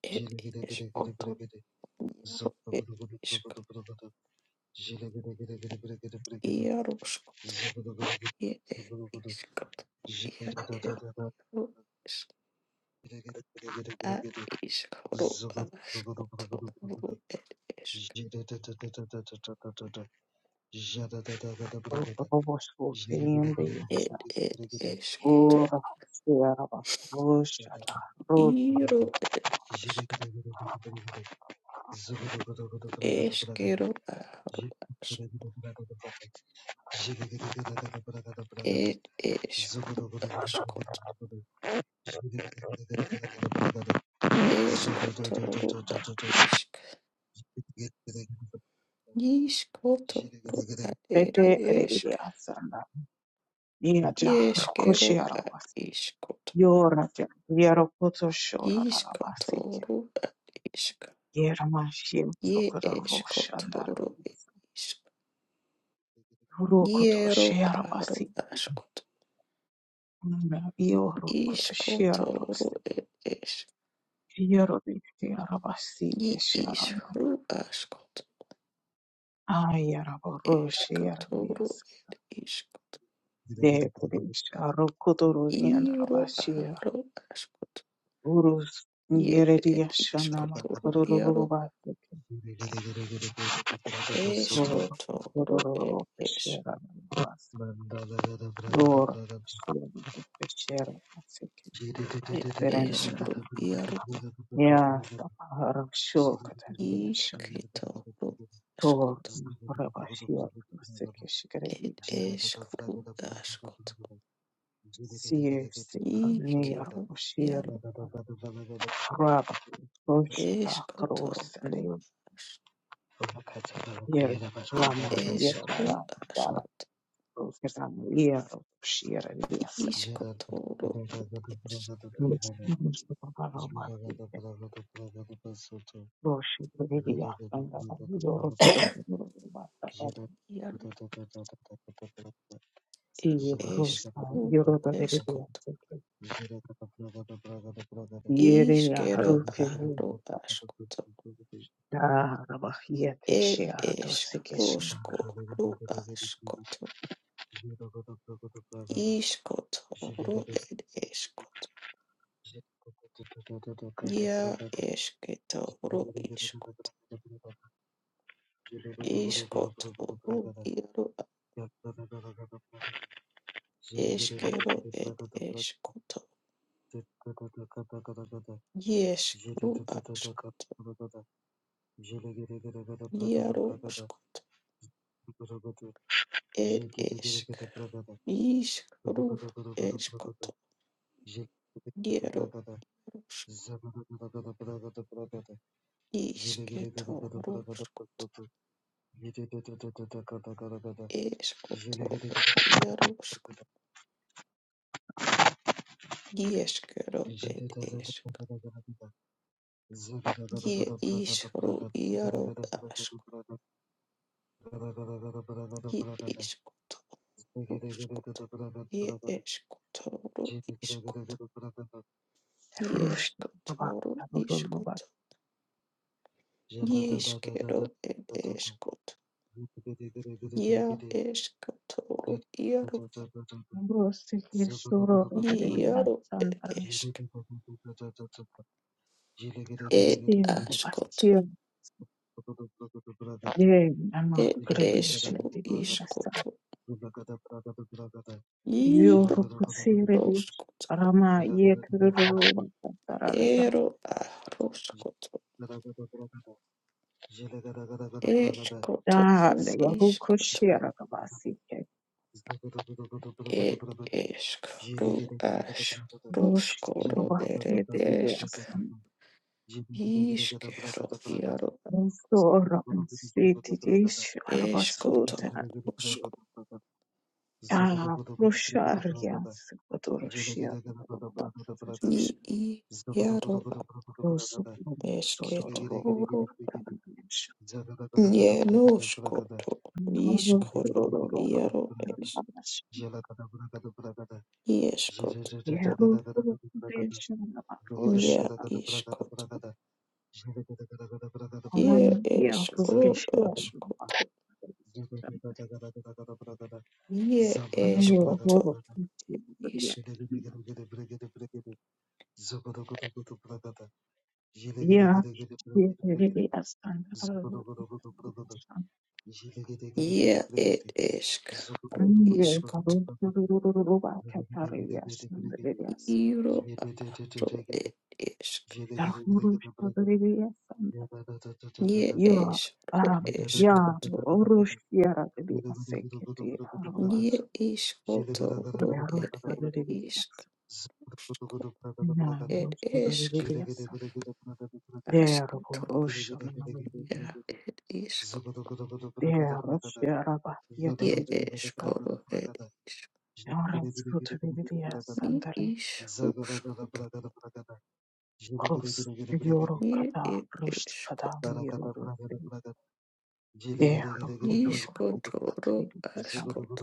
Speaker 2: ed ishkoto yaro ed ishk yaro It is got it it is is got as got it is
Speaker 1: Robosh utriyende yesha.
Speaker 2: it it is got
Speaker 1: Ura. Yaraba. Rosh
Speaker 2: is is kero aro as it is is got ro is is got ro at it
Speaker 1: Bete
Speaker 2: is
Speaker 1: erediya sanda. Nia ja
Speaker 2: yes
Speaker 1: rokoshi
Speaker 2: kero at
Speaker 1: arabas.
Speaker 2: is got
Speaker 1: Yora ja yero koto shora
Speaker 2: is got
Speaker 1: arabasike. Yera mashi
Speaker 2: Ye
Speaker 1: sokoto roshandar.
Speaker 2: eshkotoro ishk.
Speaker 1: Rokoto
Speaker 2: Yero aro
Speaker 1: sherabasi.
Speaker 2: ashkot.
Speaker 1: Yo rokoto
Speaker 2: Ishkotoro
Speaker 1: sherarosi.
Speaker 2: e esh.
Speaker 1: Yero dikti arabasike
Speaker 2: Ye
Speaker 1: sheranama.
Speaker 2: ishru ashkot.
Speaker 1: Ayara roshi
Speaker 2: Eshkotoro
Speaker 1: arabiyas.
Speaker 2: et ishkot.
Speaker 1: De kudish rokoto roshandar
Speaker 2: Iro
Speaker 1: arabashir.
Speaker 2: aro ashkot.
Speaker 1: Urus
Speaker 2: Ye
Speaker 1: yerediya
Speaker 2: et
Speaker 1: shanama.
Speaker 2: ishkotoro yaro.
Speaker 1: Rorobasi. Toro,
Speaker 2: Eshkotoro et
Speaker 1: Todororo,
Speaker 2: esh.
Speaker 1: Peshera, Namas, Dora, Peshera, to Peshera, Masiki,
Speaker 2: Et
Speaker 1: Serenina,
Speaker 2: eshru yaro.
Speaker 1: Yasa, Pahara, Shul, Kataria, Shund,
Speaker 2: Ishketoro
Speaker 1: Tor,
Speaker 2: ashkot.
Speaker 1: Maharabashir, Masiki,
Speaker 2: Et
Speaker 1: Shikarias,
Speaker 2: eshru ashkot.
Speaker 1: Siesti, Amir,
Speaker 2: Ískeru,
Speaker 1: Oshir,
Speaker 2: jaru,
Speaker 1: Rabba, Roshta, Kros, and
Speaker 2: eskotoru,
Speaker 1: the
Speaker 2: as-
Speaker 1: Yer,
Speaker 2: et
Speaker 1: Lama, Yer,
Speaker 2: eskru,
Speaker 1: Lala, Yala,
Speaker 2: askot,
Speaker 1: Roshkazam, Yer, Shir, and
Speaker 2: iskotoru, et es,
Speaker 1: Yasa, Roshi Vidia and Yorosho
Speaker 2: jaru,
Speaker 1: Si
Speaker 2: et
Speaker 1: Rosa
Speaker 2: eskru,
Speaker 1: Yoroda Vidia
Speaker 2: eskot,
Speaker 1: Yeria
Speaker 2: ískeru,
Speaker 1: Ruke
Speaker 2: aru, askoto,
Speaker 1: Yaraba Yete
Speaker 2: et
Speaker 1: Shiarato Sikeshi
Speaker 2: eskrusko, ru, askoto, iskotoru, et eskoto, ja esketoru, iskot, iskotoru, jaru, Eskero ed eskoto. Ieskru ask. Iaro skot. Ed esk. Iskru eskoto. Iaro rusk. Isketo ruskot. Eskoto. Iaro skot. Ieskero ed esk. Ie isru iaro ask. Ie iskoto ruskot. Ie eskoto iskoto.
Speaker 1: Rushi Baba Ruba
Speaker 2: Ieskotoro Yiskero ed eskot. Ya eskotoro iaro.
Speaker 1: Rosi Shuro Vidia
Speaker 2: Iaro ed
Speaker 1: Sandra
Speaker 2: esk. Ed
Speaker 1: Sina
Speaker 2: askoto.
Speaker 1: Bastia De Ama
Speaker 2: Ed
Speaker 1: Gradiashi
Speaker 2: eskro
Speaker 1: Vidia
Speaker 2: iskoto. Iro
Speaker 1: Yorukusiri
Speaker 2: roskoto.
Speaker 1: Rama Yet Ruba
Speaker 2: Ero a roskoto.
Speaker 1: Ah,
Speaker 2: Eskotoro
Speaker 1: they were who could
Speaker 2: iskoto.
Speaker 1: share a basket.
Speaker 2: Ed eskro ash.
Speaker 1: Bush,
Speaker 2: Roskoro
Speaker 1: Bafia,
Speaker 2: ere
Speaker 1: the
Speaker 2: esk.
Speaker 1: Liasan,
Speaker 2: Iskero iaro.
Speaker 1: Sora, and City, dish,
Speaker 2: Eskoto.
Speaker 1: Arbasuta, Ah, Rosharias, Odoroshia,
Speaker 2: Ni i jaro
Speaker 1: Rosu, Sodoro,
Speaker 2: esketoro nienoskoto iskoro
Speaker 1: Rosoro,
Speaker 2: jaro es ieskotoro
Speaker 1: Yahoo, Vision, Rosh,
Speaker 2: Nia iskoto je
Speaker 1: Alan, Yahoo,
Speaker 2: eskoro
Speaker 1: Pishua,
Speaker 2: askoto je
Speaker 1: I'm here
Speaker 2: eskoto
Speaker 1: for the day.
Speaker 2: isk
Speaker 1: Yeah, we're here to be asked. I'm here to be asked.
Speaker 2: je et eskoro
Speaker 1: I'm here
Speaker 2: iskoto
Speaker 1: to be asked. I'm here to be asked.
Speaker 2: iro aro et esk
Speaker 1: I'm here to be asked. I'm here to be asked. I'm here to
Speaker 2: je eskoro eskoto
Speaker 1: be asked. I'm
Speaker 2: je iskotoro et
Speaker 1: here to be asked.
Speaker 2: isk
Speaker 1: I'm here to be asked.
Speaker 2: Ed ishk ashkuto ya ishk
Speaker 1: I'm here to
Speaker 2: ye
Speaker 1: be asked.
Speaker 2: ishkoro ed ishk
Speaker 1: Yoros Kotevilias
Speaker 2: mi
Speaker 1: Sandarin
Speaker 2: ishrushkut
Speaker 1: Ros Yoro
Speaker 2: ye
Speaker 1: Kada
Speaker 2: ed
Speaker 1: Rush Kada
Speaker 2: ishkut
Speaker 1: Mirudusi Dero Futuro
Speaker 2: ishkotoro
Speaker 1: Katvili
Speaker 2: ashkut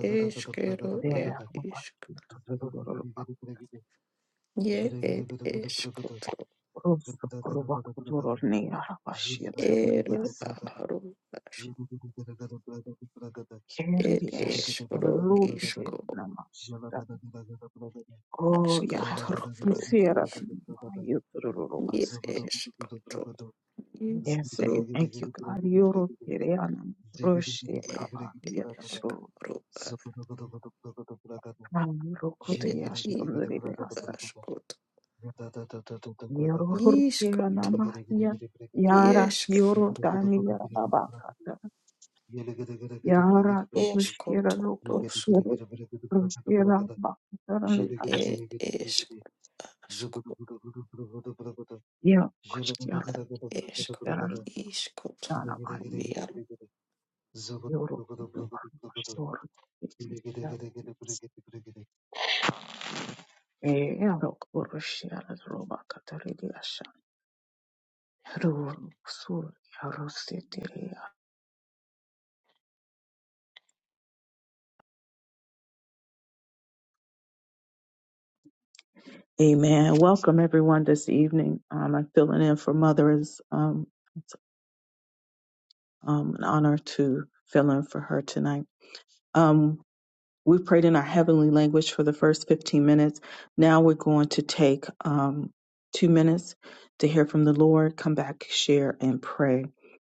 Speaker 2: ishkero ed
Speaker 1: Dero
Speaker 2: ishk
Speaker 1: Vashi Tuturu
Speaker 2: ye ed ishkuto
Speaker 1: Rus Kuruba Kuturo Niara Vashi Turulia
Speaker 2: ero
Speaker 1: Sanda
Speaker 2: ahru ashk ed
Speaker 1: Keririash
Speaker 2: ishkro
Speaker 1: Rupite
Speaker 2: ishko
Speaker 1: Namashita O Yahro
Speaker 2: ashkotoro
Speaker 1: Sierra
Speaker 2: ish
Speaker 1: Yuturu
Speaker 2: ye
Speaker 1: Vaseke
Speaker 2: ishkuto ye
Speaker 1: Yes,
Speaker 2: ro
Speaker 1: eh, thank you, God. Yoro Kiriana Rush
Speaker 2: ed ishk
Speaker 1: Yara
Speaker 2: Ed
Speaker 1: Rukutia Shundriasa,
Speaker 2: ibaskot.
Speaker 1: Yorkia
Speaker 2: Iskoto.
Speaker 1: Namahia, Yara
Speaker 2: Iesk.
Speaker 1: Yoro Dania Babakata, Yara Rushira
Speaker 2: Eskoto. Rusko.
Speaker 1: Rukusir, Rushira Bakarani
Speaker 2: Ed esk. Asko.
Speaker 1: Asia, Kushia,
Speaker 2: Esko.
Speaker 1: Shistera
Speaker 2: Iskoto.
Speaker 1: Nanamai,
Speaker 2: Yaro.
Speaker 1: Yoro Duvar Shor, Earok Rushia Robakatari Asha, Ru Sur Yarusiti Amen. Welcome everyone this evening. Um, I'm filling in for Mother. Is um, it's um, an honor to fill in for her tonight. Um, we prayed in our heavenly language for the first 15 minutes. Now we're going to take um, two minutes to hear from the Lord, come back, share, and pray.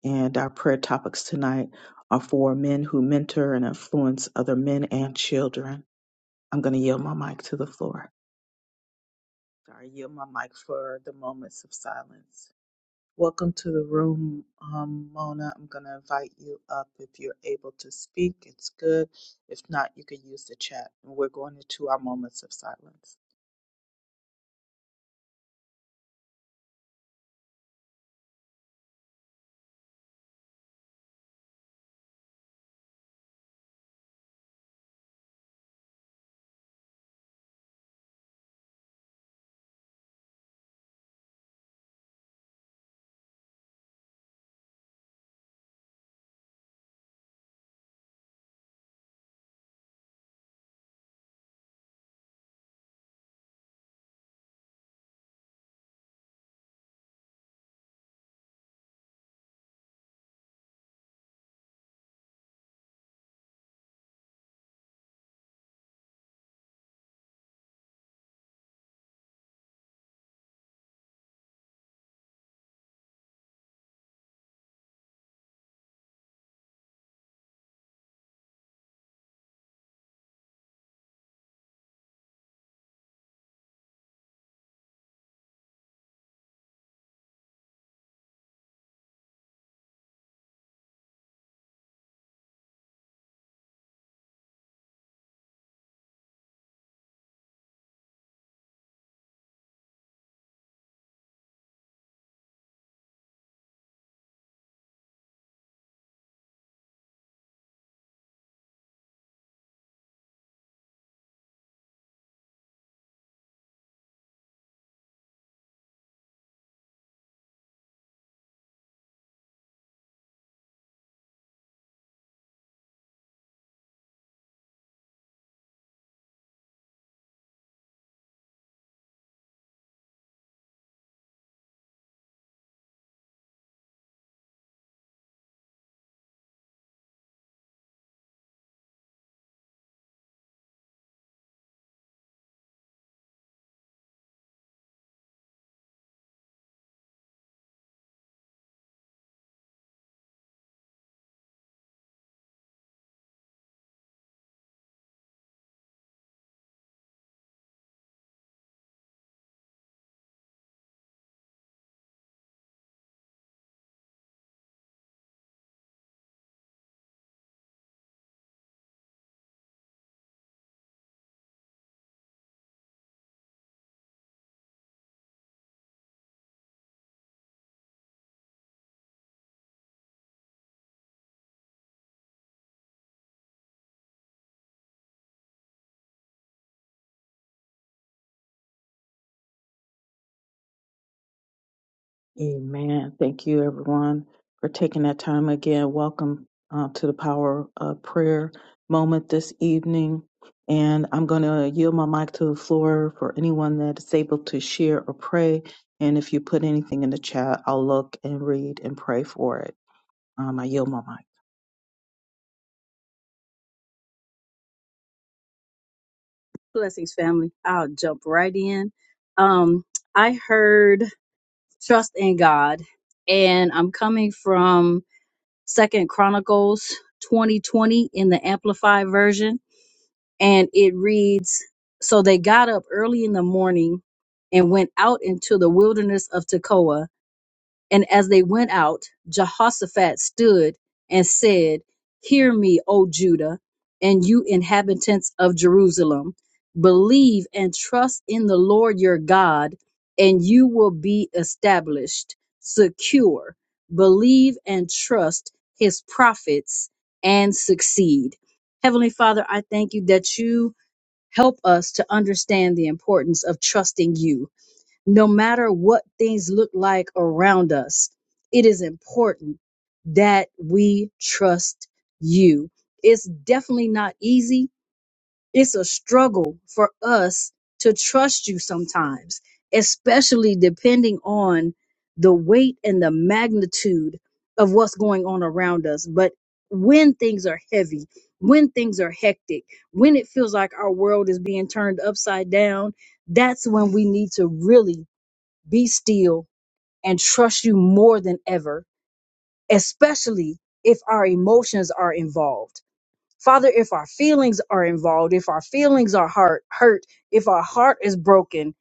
Speaker 1: And our prayer topics tonight are for men who mentor and influence other men and children. I'm going to yield my mic to the floor. Sorry, yield my mic for the moments of silence. Welcome to the room, um, Mona. I'm going to invite you up if you're able to speak. It's good. If not, you can use the chat. And we're going into our moments of silence. Amen. Thank you, everyone, for taking that time again. Welcome uh, to the Power of Prayer moment this evening. And I'm going to yield my mic to the floor for anyone that is able to share or pray. And if you put anything in the chat, I'll look and read and pray for it. Um, I yield my mic.
Speaker 3: Blessings, family. I'll jump right in. Um, I heard trust in God, and I'm coming from Second Chronicles 2020 in the Amplified version, and it reads: So they got up early in the morning and went out into the wilderness of Tekoa. And as they went out, Jehoshaphat stood and said, Hear me, O Judah, and you inhabitants of Jerusalem. Believe and trust in the Lord your God, and you will be established, secure. Believe and trust his prophets and succeed. Heavenly Father, I thank you that you help us to understand the importance of trusting you no matter what things look like around us, it is important that we trust you. It's definitely not easy. It's a struggle for us to trust you sometimes, especially depending on the weight and the magnitude of what's going on around us. But when things are heavy, when things are hectic, when it feels like our world is being turned upside down, that's when we need to really be still and trust you more than ever, especially if our emotions are involved. Father, if our feelings are involved, if our feelings are heart hurt, if our heart is broken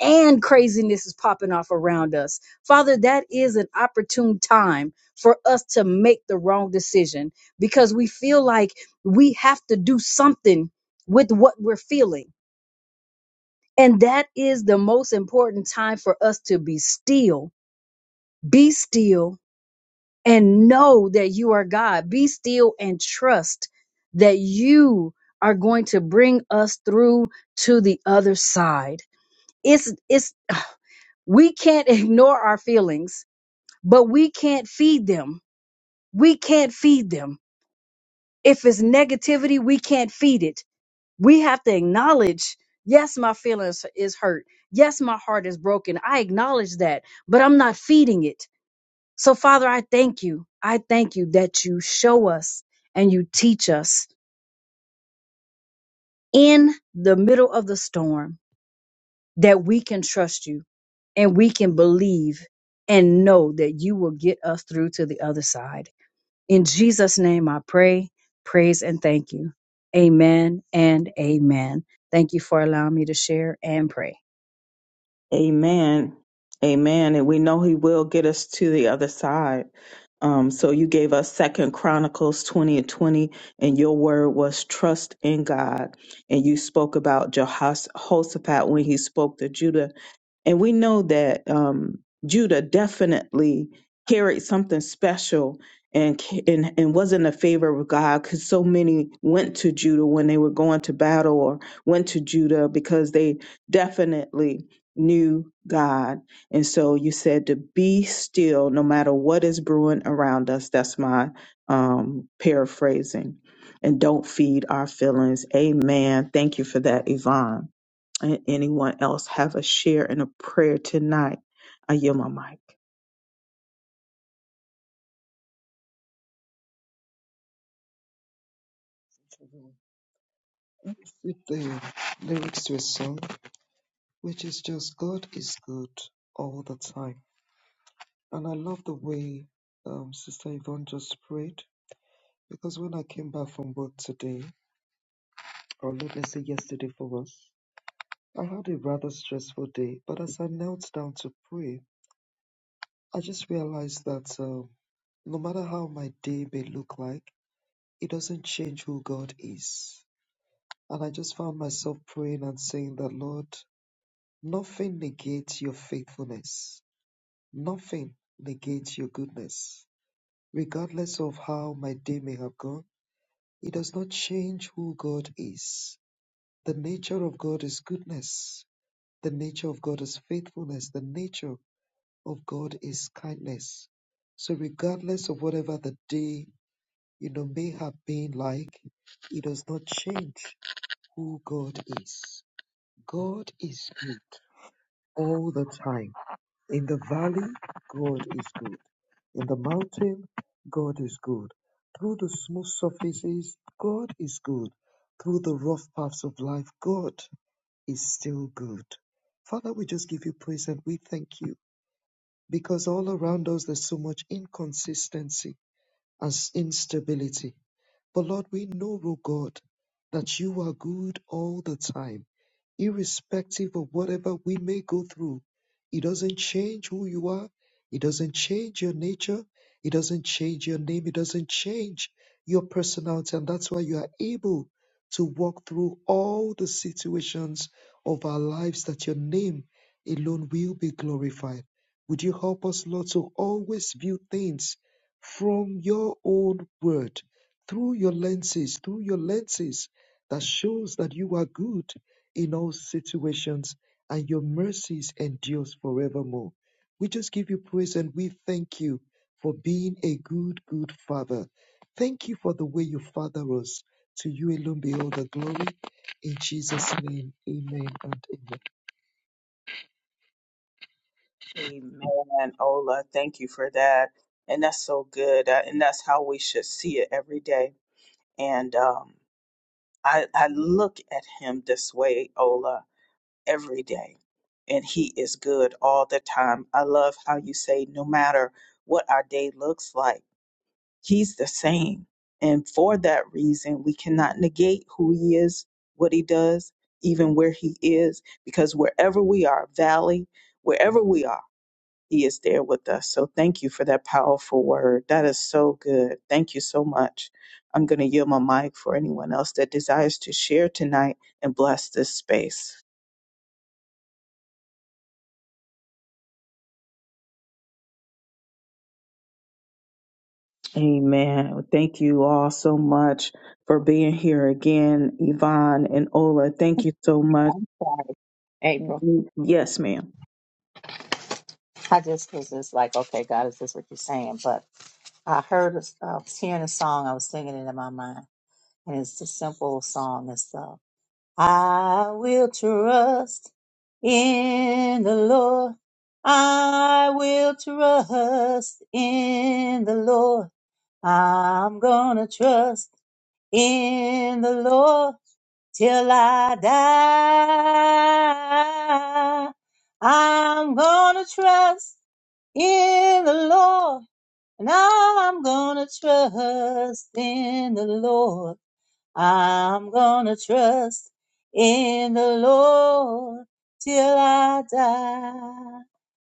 Speaker 3: and craziness is popping off around us, Father, that is an opportune time for us to make the wrong decision because we feel like we have to do something with what we're feeling. And that is the most important time for us to be still be still and know that you are God. Be still and trust that you are going to bring us through to the other side. It's it's we can't ignore our feelings, but we can't feed them. We can't feed them. If it's negativity, we can't feed it. We have to acknowledge, yes, my feelings is hurt. Yes, my heart is broken. I acknowledge that, but I'm not feeding it. So, Father, I thank you. I thank you that you show us and you teach us in the middle of the storm that we can trust you and we can believe and know that you will get us through to the other side. In Jesus' name, I pray, praise, and thank you. Amen and amen. Thank you for allowing me to share and pray.
Speaker 1: Amen. Amen. And we know he will get us to the other side. Um, so you gave us Second Chronicles 20 and 20, and your word was trust in God. And you spoke about Jehoshaphat when he spoke to Judah and we know that um, Judah definitely carried something special and, ca- and and was in the favor of God because so many went to Judah when they were going to battle or went to Judah because they definitely knew God. And so you said to be still no matter what is brewing around us. That's my um, paraphrasing. And don't feed our feelings. Amen. Thank you for that, Yvonne. And anyone else have a share in a prayer tonight? I yield my mic.
Speaker 4: I love the way um, Sister Yvonne just prayed because when I came back from work today, or let me say yesterday for us, I had a rather stressful day. But as I knelt down to pray, I just realized that um, no matter how my day may look like, it doesn't change who God is. And I just found myself praying and saying that, Lord, nothing negates your faithfulness, nothing negates your goodness. Regardless of how my day may have gone, It does not change who God is. The nature of God is goodness. The nature of God is faithfulness. The nature of God is kindness. So regardless of whatever the day, you know, may have been like, it does not change who God is. God is good all the time. In the valley, God is good. In the mountain, God is good. Through the smooth surfaces, God is good. Through the rough paths of life, God is still good. Father, we just give you praise and we thank you because all around us there's so much inconsistency and instability. But Lord, we know, O God, that you are good all the time irrespective of whatever we may go through. It doesn't change who you are. It doesn't change your nature. It doesn't change your name. It doesn't change your personality. And that's why you are able to walk through all the situations of our lives that your name alone will be glorified. Would you help us, Lord, to always view things from your own word, through your lenses, through your lenses that shows that you are good in all situations, and your mercies endures forevermore. We just give you praise and we thank you for being a good, good father. Thank you for the way you father us. To you alone be all the glory. In Jesus' name, amen and amen.
Speaker 1: Amen, Ola. Thank you for that. And that's so good. Uh, And that's how we should see it every day. And um, I, I look at him this way, Ola, every day. And he is good all the time. I love how you say, no matter what our day looks like He's the same. And for that reason, we cannot negate who he is, what he does, even where he is, because wherever we are, valley, wherever we are, he is there with us. So thank you for that powerful word. That is so good. Thank you so much. I'm going to yield my mic for anyone else that desires to share tonight and bless this space. Amen. Well, Thank you all so much for being here again, Yvonne and Ola. Thank you so much
Speaker 5: Sorry, April.
Speaker 1: Yes, ma'am.
Speaker 5: I just was just like, okay, God, is this what you're saying? But I heard, uh, I was hearing a song, I was singing it in my mind, and it's a simple song. It's uh, I will trust in the Lord. I will trust in the Lord. I'm gonna trust in the Lord till I die. I'm gonna trust in the Lord. Now I'm gonna trust in the Lord. I'm gonna trust in the Lord till I die.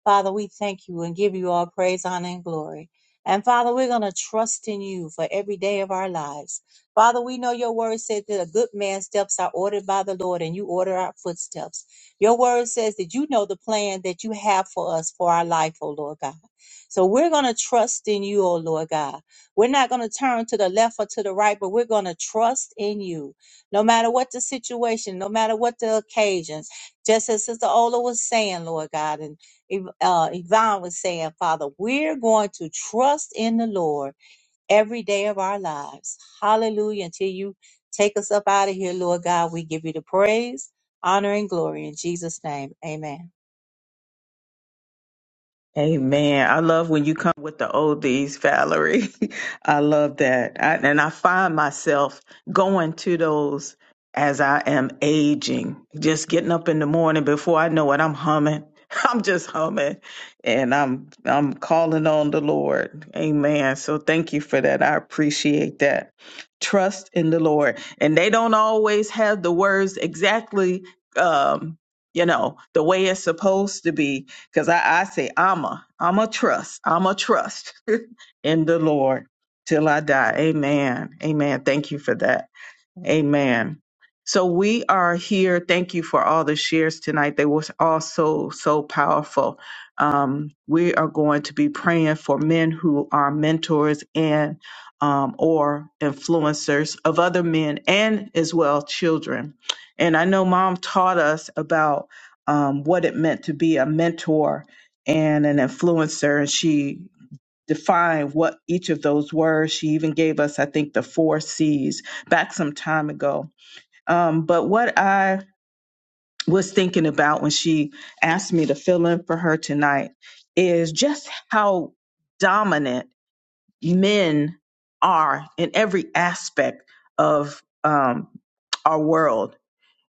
Speaker 5: Father, we thank you and give you all praise, honor, and glory. And Father, we're going to trust in you for every day of our lives. Father, we know your word said that a good man's steps are ordered by the Lord and you order our footsteps. Your word says that you know the plan that you have for us for our life, O Lord God. So we're going to trust in you, O Lord God. We're not going to turn to the left or to the right, but we're going to trust in you. No matter what the situation, no matter what the occasions, just as Sister Ola was saying, Lord God, and Ev- uh, Yvonne was saying, Father, we're going to trust in the Lord every day of our lives. Hallelujah. Until you take us up out of here, Lord God, we give you the praise, honor, and glory in Jesus' name. Amen.
Speaker 1: Amen. I love when you come with the oldies, Valerie. I love that. I, and I find myself going to those as I am aging, just getting up in the morning before I know it, I'm humming. I'm just humming and I'm I'm calling on the Lord. Amen. So thank you for that. I appreciate that. Trust in the Lord. And they don't always have the words exactly um, you know, the way it's supposed to be because I, I say, I'm a, I'm a trust, I'm a trust in the Lord till I die. Amen. Amen. Thank you for that. Amen. So we are here. Thank you for all the shares tonight. They were all so, so powerful. Um, we are going to be praying for men who are mentors and um, or influencers of other men and as well children. And I know mom taught us about um, what it meant to be a mentor and an influencer. And she define what each of those were. She even gave us, I think, the four C's back some time ago. Um, but what I was thinking about when she asked me to fill in for her tonight is just how dominant men are in every aspect of um, our world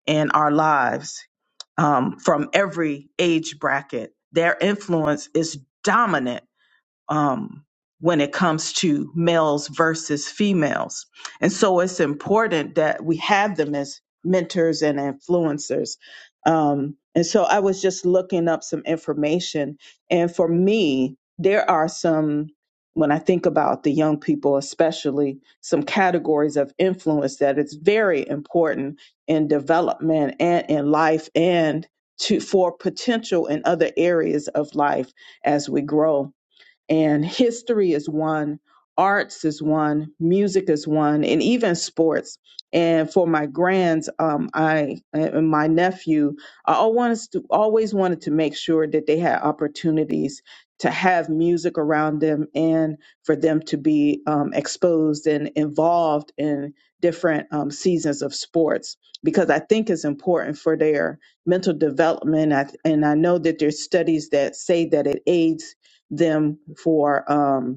Speaker 1: and our lives um, from every age bracket. Their influence is dominant um, when it comes to males versus females. And so it's important that we have them as mentors and influencers. Um, and so I was just looking up some information. And for me, there are some, when I think about the young people, especially, some categories of influence that it's very important in development and in life and to for potential in other areas of life as we grow and history is one arts is one music is one and even sports and for my grands um i and my nephew i al- want us to- always wanted to make sure that they had opportunities to have music around them and for them to be um, exposed and involved in different um, seasons of sports because i think it's important for their mental development I- and i know that there's studies that say that it aids them for um,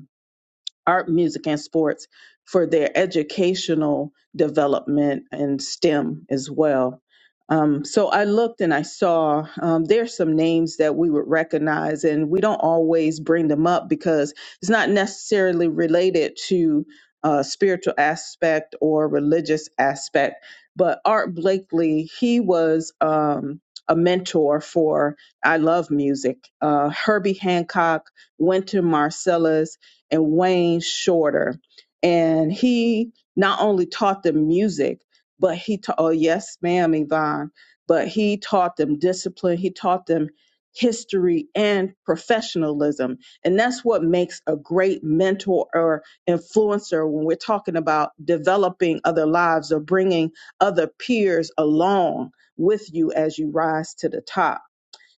Speaker 1: art, music, and sports for their educational development and STEM as well. Um, so I looked and I saw um, there's some names that we would recognize, and we don't always bring them up because it's not necessarily related to uh, spiritual aspect or religious aspect. But Art Blakely, he was um, a mentor for I Love Music, uh, Herbie Hancock, Wynton Marcellus, and Wayne Shorter. And he not only taught them music, but he taught, oh, yes, ma'am, Yvonne, but he taught them discipline. He taught them history and professionalism. And that's what makes a great mentor or influencer when we're talking about developing other lives or bringing other peers along with you as you rise to the top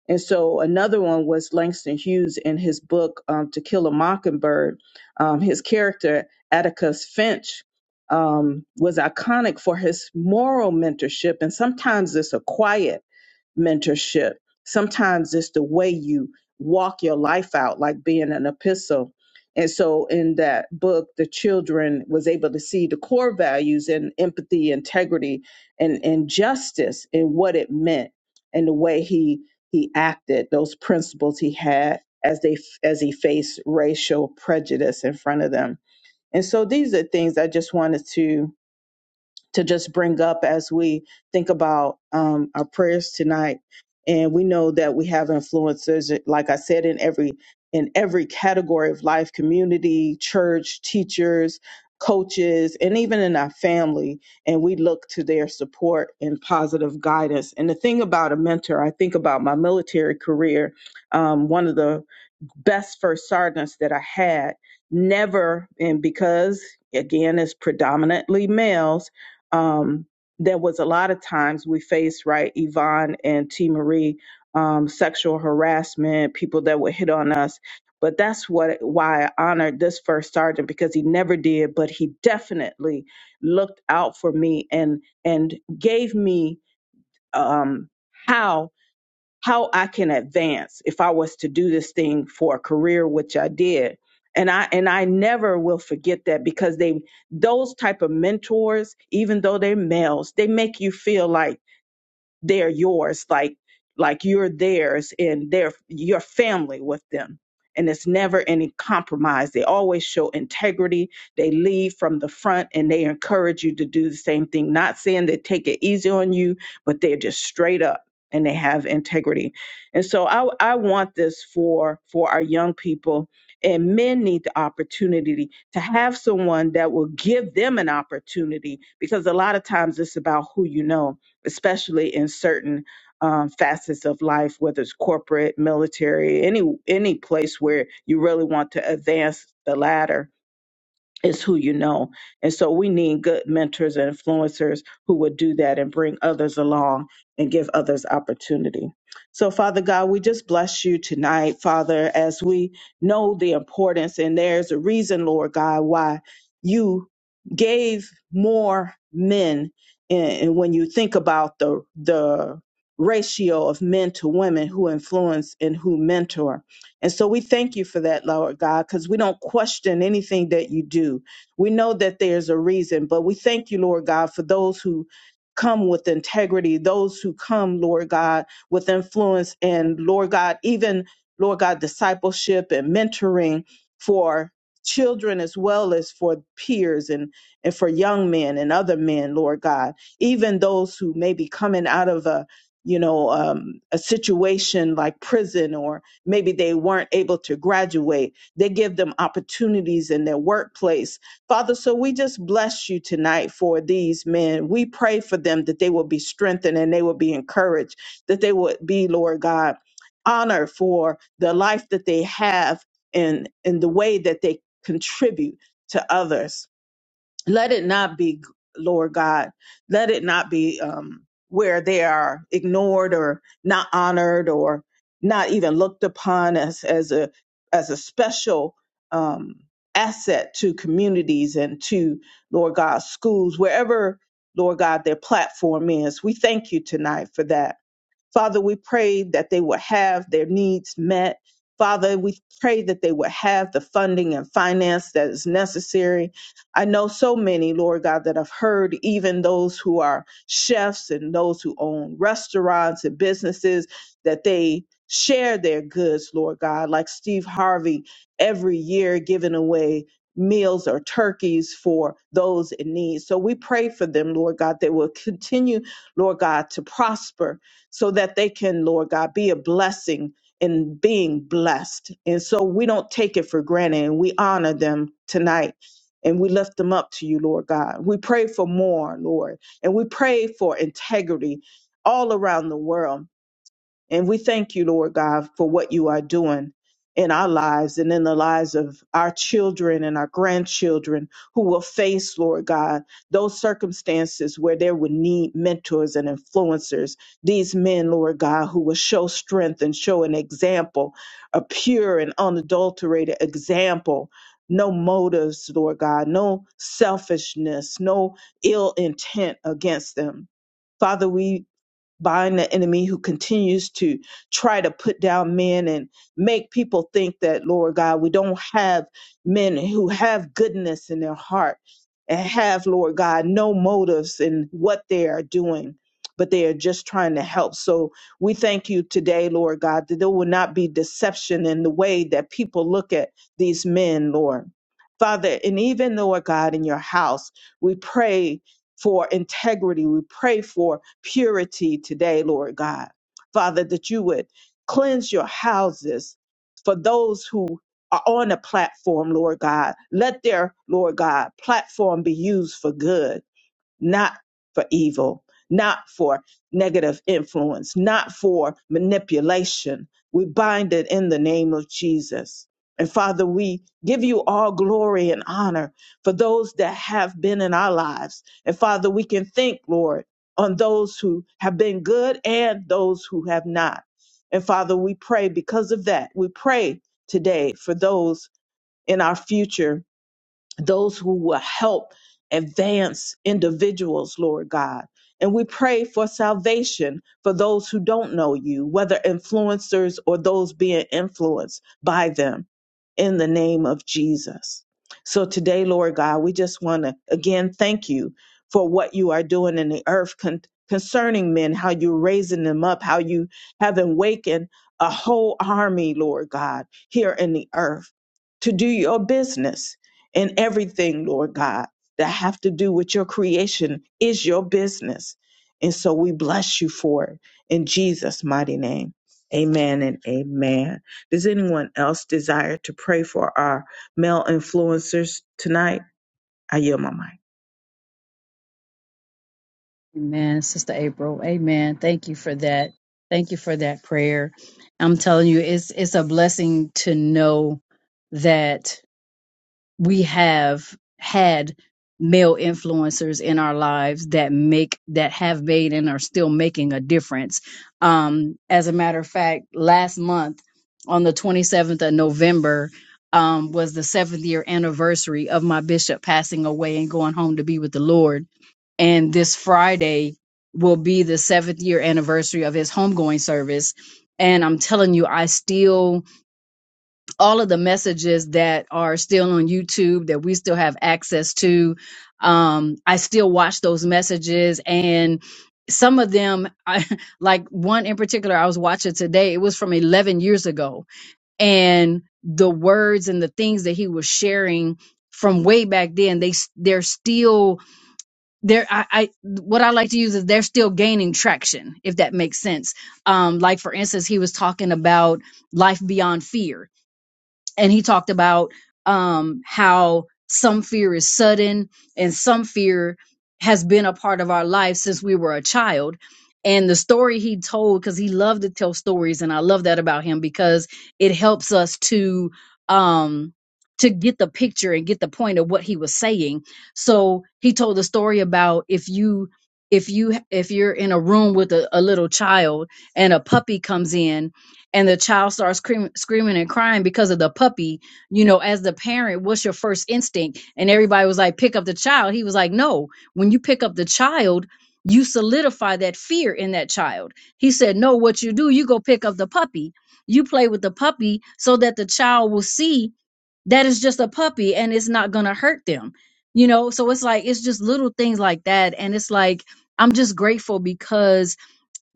Speaker 1: and so another one was Langston Hughes in his book um, To Kill a Mockingbird. Um, his character, Atticus Finch, um, was iconic for his moral mentorship. And sometimes it's a quiet mentorship. Sometimes it's the way you walk your life out, like being an epistle. And so in that book, the children was able to see the core values and empathy, integrity, and, and justice and what it meant and the way he he acted, those principles he had as they as he faced racial prejudice in front of them. And so these are things I just wanted to to just bring up as we think about um, our prayers tonight. And we know that we have influencers, like I said, in every in every category of life, community, church, teachers, coaches, and even in our family. And we look to their support and positive guidance. And the thing about a mentor, I think about my military career. Um, one of the best first sergeants that I had never, and because again, it's predominantly males, um, there was a lot of times we faced, right, Yvonne and T. Marie, um, sexual harassment, people that would hit on us. But that's what why I honored this first sergeant because he never did, but he definitely looked out for me and and gave me um, how how I can advance if I was to do this thing for a career, which I did. And I and I never will forget that because they those type of mentors, even though they're males, they make you feel like they're yours like like you're theirs and they're your family with them and it's never any compromise they always show integrity they lead from the front and they encourage you to do the same thing not saying they take it easy on you but they're just straight up and they have integrity and so i i want this for for our young people and men need the opportunity to have someone that will give them an opportunity because a lot of times it's about who you know especially in certain um, facets of life, whether it's corporate, military, any any place where you really want to advance the ladder is who you know. And so we need good mentors and influencers who would do that and bring others along and give others opportunity. So, Father God, we just bless you tonight, Father, as we know the importance, and there's a reason, Lord God, why you gave more men. And and when you think about the, the ratio of men to women who influence and who mentor, and so we thank you for that, Lord God, because we don't question anything that you do. We know that there's a reason, but we thank you, Lord God, for those who come with integrity, those who come, Lord God, with influence and, Lord God, even, Lord God, discipleship and mentoring for children as well as for peers and and for young men and other men lord god even those who may be coming out of a you know um, a situation like prison or. Maybe they weren't able to graduate. They give them opportunities in their workplace. Father, so we just bless you tonight for these men. We pray for them that they will be strengthened and they will be encouraged, that they would be, Lord God, honored for the life that they have and, and the way that they contribute to others let it not be lord god let it not be um where they are ignored or not honored or not even looked upon as as a as a special um asset to communities and to lord god schools wherever lord god their platform is we thank you tonight for that Father, we pray that they will have their needs met. Father, we pray that they will have the funding and finance that is necessary. I know so many, Lord God, that I've heard, even those who are chefs and those who own restaurants and businesses, that they share their goods, Lord God, like Steve Harvey every year giving away meals or turkeys for those in need. So we pray for them, Lord God, that will continue, Lord God, to prosper so that they can, Lord God, be a blessing in being blessed. And so we don't take it for granted and we honor them tonight. And we lift them up to you, Lord God. We pray for more, Lord. And we pray for integrity all around the world and we thank you, Lord God, for what you are doing in our lives and in the lives of our children and our grandchildren who will face, Lord God, those circumstances where they would need mentors and influencers. These men, Lord God, who will show strength and show an example, a pure and unadulterated example. No motives, Lord God, no selfishness, no ill intent against them. Father, we bind the enemy who continues to try to put down men and make people think that, Lord God, we don't have men who have goodness in their heart and have, Lord God, no motives in what they are doing, but they are just trying to help. So we thank you today, Lord God, that there will not be deception in the way that people look at these men, Lord. Father, and even Lord God in your house, we pray for integrity. We pray for purity today, Lord God. Father, that you would cleanse your houses for those who are on a platform, Lord God. Let their, Lord God, platform be used for good not for evil, not for negative influence, not for manipulation. We bind it in the name of Jesus. And Father, we give you all glory and honor for those that have been in our lives. And Father, we can think, Lord, on those who have been good and those who have not. And Father, we pray because of that. We pray today for those in our future those who will help advance individuals, Lord God. And we pray for salvation for those who don't know you, whether influencers or those being influenced by them, in the name of Jesus. So today, Lord God, we just want to again thank you for what you are doing in the earth con- concerning men, how you're raising them up, how you have awakened a whole army, Lord God, here in the earth to do your business and everything, Lord God, that have to do with your creation is your business. And so we bless you for it in Jesus' mighty name. Amen and amen. Does anyone else desire to pray for our male influencers tonight? I yield my mic.
Speaker 3: Amen, Sister April. Amen. Thank you for that. Thank you for that prayer. I'm telling you, it's it's a blessing to know that we have had male influencers in our lives that make that have made and are still making a difference. Um, as a matter of fact, last month on the 27th of November um, was the seventh year anniversary of my bishop passing away and going home to be with the Lord. And this Friday will be the seventh year anniversary of his homegoing service. And I'm telling you, I still all of the messages that are still on YouTube that we still have access to. Um, I still watch those messages and some of them, I, like one in particular, I was watching today, it was from 11 years ago. And the words and the things that he was sharing from way back then, they, s- they're still there. I, I what I like to use is they're still gaining traction, if that makes sense. Um, like for instance, he was talking about life beyond fear and he talked about um how some fear is sudden and some fear has been a part of our life since we were a child and the story he told because he loved to tell stories and i love that about him because it helps us to um to get the picture and get the point of what he was saying so he told the story about if you if you if you're in a room with a, a little child and a puppy comes in and the child starts scream, screaming and crying because of the puppy, you know, as the parent, what's your first instinct? And everybody was like, pick up the child. He was like, no, when you pick up the child, you solidify that fear in that child. He said, no, what you do, you go pick up the puppy. You play with the puppy so that the child will see that it's just a puppy and it's not going to hurt them. You know, so it's like, it's just little things like that. And it's like, I'm just grateful because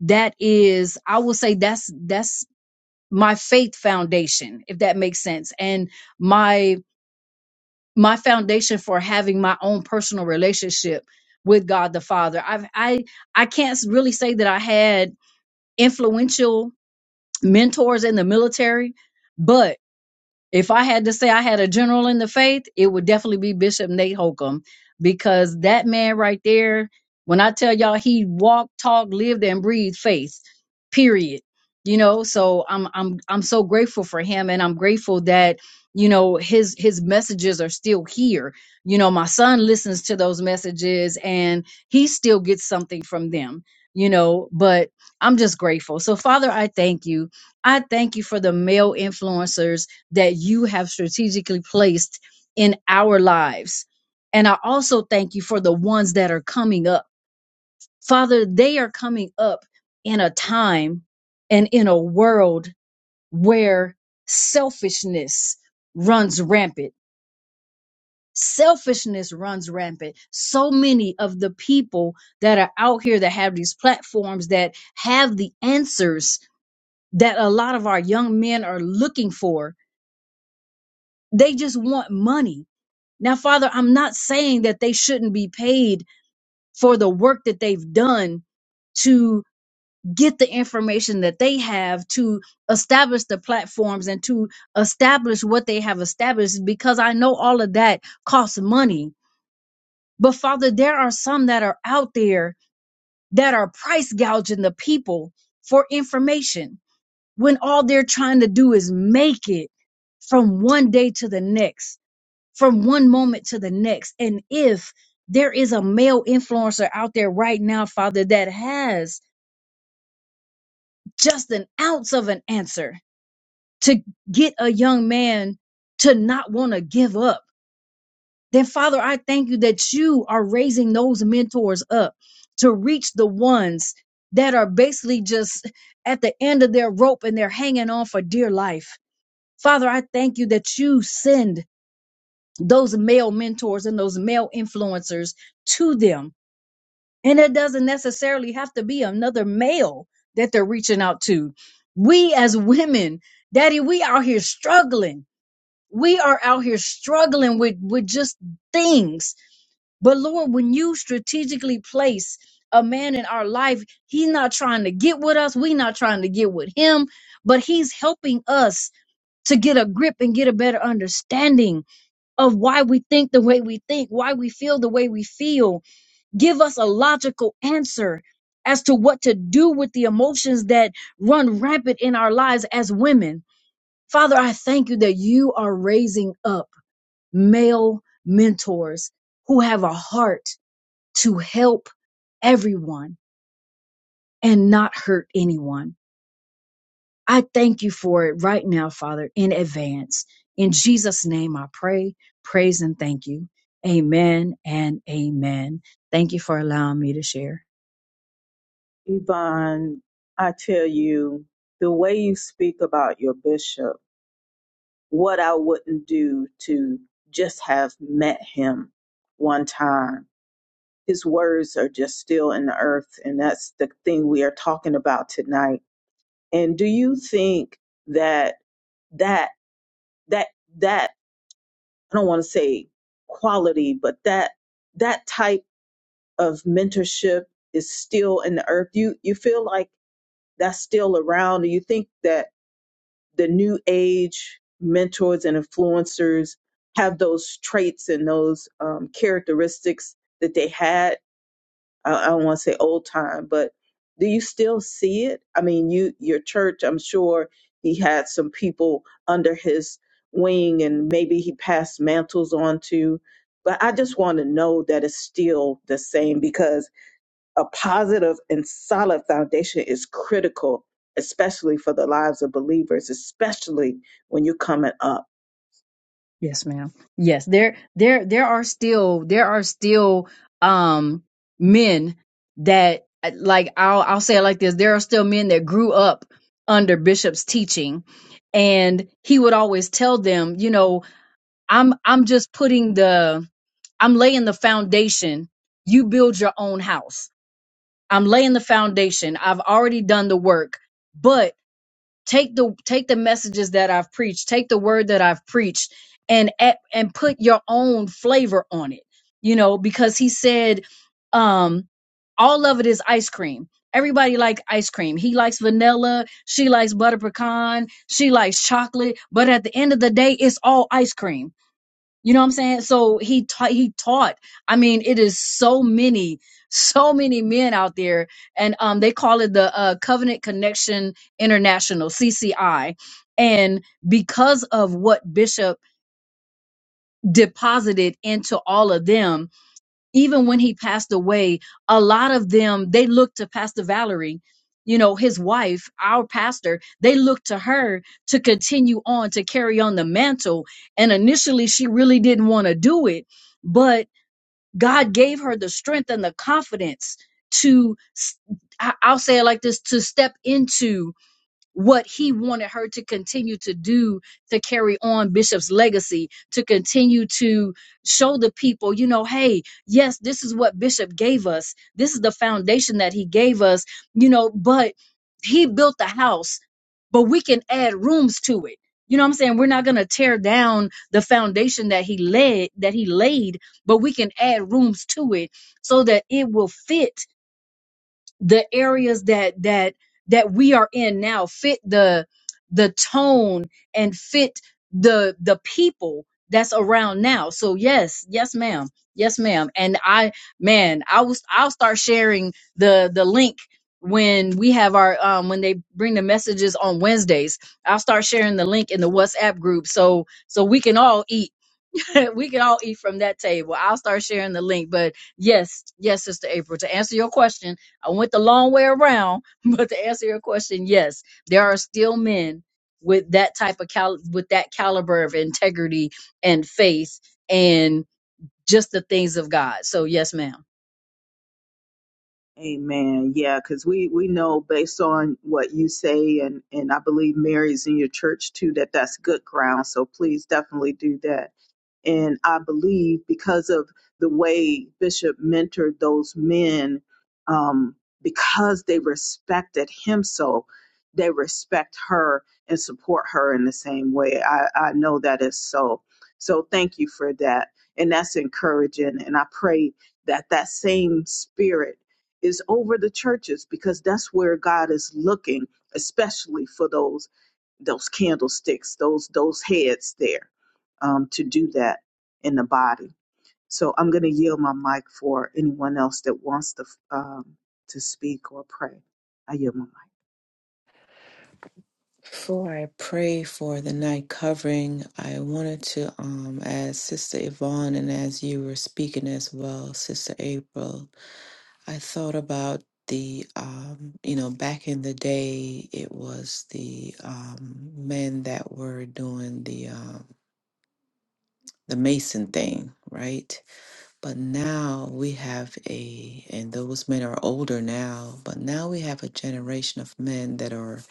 Speaker 3: that is, I will say that's, that's my faith foundation if that makes sense and my my foundation for having my own personal relationship with God the Father I've, I I can't really say that I had influential mentors in the military but if I had to say I had a general in the faith, it would definitely be Bishop Nate Holcomb because that man right there, when I tell y'all he walked, talked, lived and breathed faith. Period. You know, so I'm I'm I'm so grateful for him and I'm grateful that you know his his messages are still here. You know, my son listens to those messages and he still gets something from them. You know, but I'm just grateful. So Father, I thank you. I thank you for the male influencers that you have strategically placed in our lives. And I also thank you for the ones that are coming up. Father, they are coming up in a time and in a world where selfishness runs rampant. Selfishness runs rampant. So many of the people that are out here that have these platforms that have the answers that a lot of our young men are looking for, they just want money Now, Father, I'm not saying that they shouldn't be paid for the work that they've done to get the information that they have to establish the platforms and to establish what they have established because I know all of that costs money. But Father, there are some that are out there that are price gouging the people for information when all they're trying to do is make it from one day to the next from one moment to the next. And if there is a male influencer out there right now, Father, that has just an ounce of an answer to get a young man to not want to give up, then Father, I thank you that you are raising those mentors up to reach the ones that are basically just at the end of their rope and they're hanging on for dear life. Father, I thank you that you send those male mentors and those male influencers to them And it doesn't necessarily have to be another male that they're reaching out to. We as women, daddy, we out here struggling. We are out here struggling with, with just things. But Lord, when you strategically place a man in our life, he's not trying to get with us. We're not trying to get with him, but he's helping us to get a grip and get a better understanding of why we think the way we think, why we feel the way we feel give us a logical answer as to what to do with the emotions that run rampant in our lives as women. Father, I thank you that you are raising up male mentors who have a heart to help everyone and not hurt anyone. I thank you for it right now, Father, in advance. In Jesus' name, I pray, praise, and thank you. Amen and amen. Thank you for allowing me to share.
Speaker 1: Yvonne, I tell you, the way you speak about your bishop, what I wouldn't do to just have met him one time. his words are just still in the earth and that's the thing we are talking about tonight and do you think that that that that i don't want to say quality but that that type of mentorship is still in the earth you you feel like that's still around do you think that the new age mentors and influencers have those traits and those um, characteristics that they had I, I don't want to say old time, but do you still see it? I mean, you your church, I'm sure he had some people under his wing and maybe he passed mantles on to, but I just want to know that it's still the same because a positive and solid foundation is critical, especially for the lives of believers, especially when you're coming up.
Speaker 3: Yes, ma'am. Yes, there there there are still there are still um men that uh, like I'll I'll say it like this, there are still men that grew up under Bishop's teaching and he would always tell them, you know, I'm I'm just putting the I'm laying the foundation. You build your own house. I'm laying the foundation. I've already done the work. But take the take the messages that I've preached, take the word that I've preached and add- and put your own flavor on it. You know, because he said um all of it is ice cream. Everybody like ice cream. He likes vanilla, she likes butter pecan, she likes chocolate, but at the end of the day it's all ice cream you know what I'm saying? So he taught, he taught. I mean, it is so many, so many men out there. And um, they call it the uh, Covenant Connection International, CCI. And because of what Bishop deposited into all of them, even when he passed away, a lot of them they looked to Pastor Valerie, you know, his wife, our pastor, they looked to her to continue on to carry on the mantle. And initially she really didn't want to do it, but God gave her the strength and the confidence to i I- I'll say it like this to step into what he wanted her to continue to do to carry on Bishop's legacy, to continue to show the people, you know, hey, yes, this is what Bishop gave us. This is the foundation that he gave us, you know, but he built the house, but we can add rooms to it. You know what I'm saying? We're not going to tear down the foundation that he led that he laid, but we can add rooms to it so that it will fit the areas that that that we are in now fit the the tone and fit the the people that's around now so yes yes ma'am yes ma'am and i man i was i'll start sharing the the link when we have our um when they bring the messages on wednesdays i'll start sharing the link in the whatsapp group so so we can all eat we can all eat from that table. I'll start sharing the link. But yes, yes, Sister April, to answer your question, I went the long way around, but to answer your question, yes, there are still men with that type of cal- with that caliber of integrity and faith and just the things of God. So yes, ma'am.
Speaker 1: Amen. Yeah, because we we know based on what you say, and and I believe Mary's in your church too, that that's good ground. So please definitely do that. And I believe because of the way Bishop mentored those men, um, because they respected him so, they respect her and support her in the same way. I, I know that is so. So thank you for that. And that's encouraging. And I pray that that same spirit is over the churches because that's where God is looking, especially for those those candlesticks, those those heads there, um, to do that in the body. So I'm going to yield my mic for anyone else that wants to um, to speak or pray. I yield my mic.
Speaker 2: Before I pray for the night covering, I wanted to, um, as Sister Yvonne and as you were speaking as well, Sister April, I thought about the, um, you know, back in the day, it was the um, men that were doing the. um, the Mason thing, right? But now we have a, and those men are older now, but now we have a generation of men that are,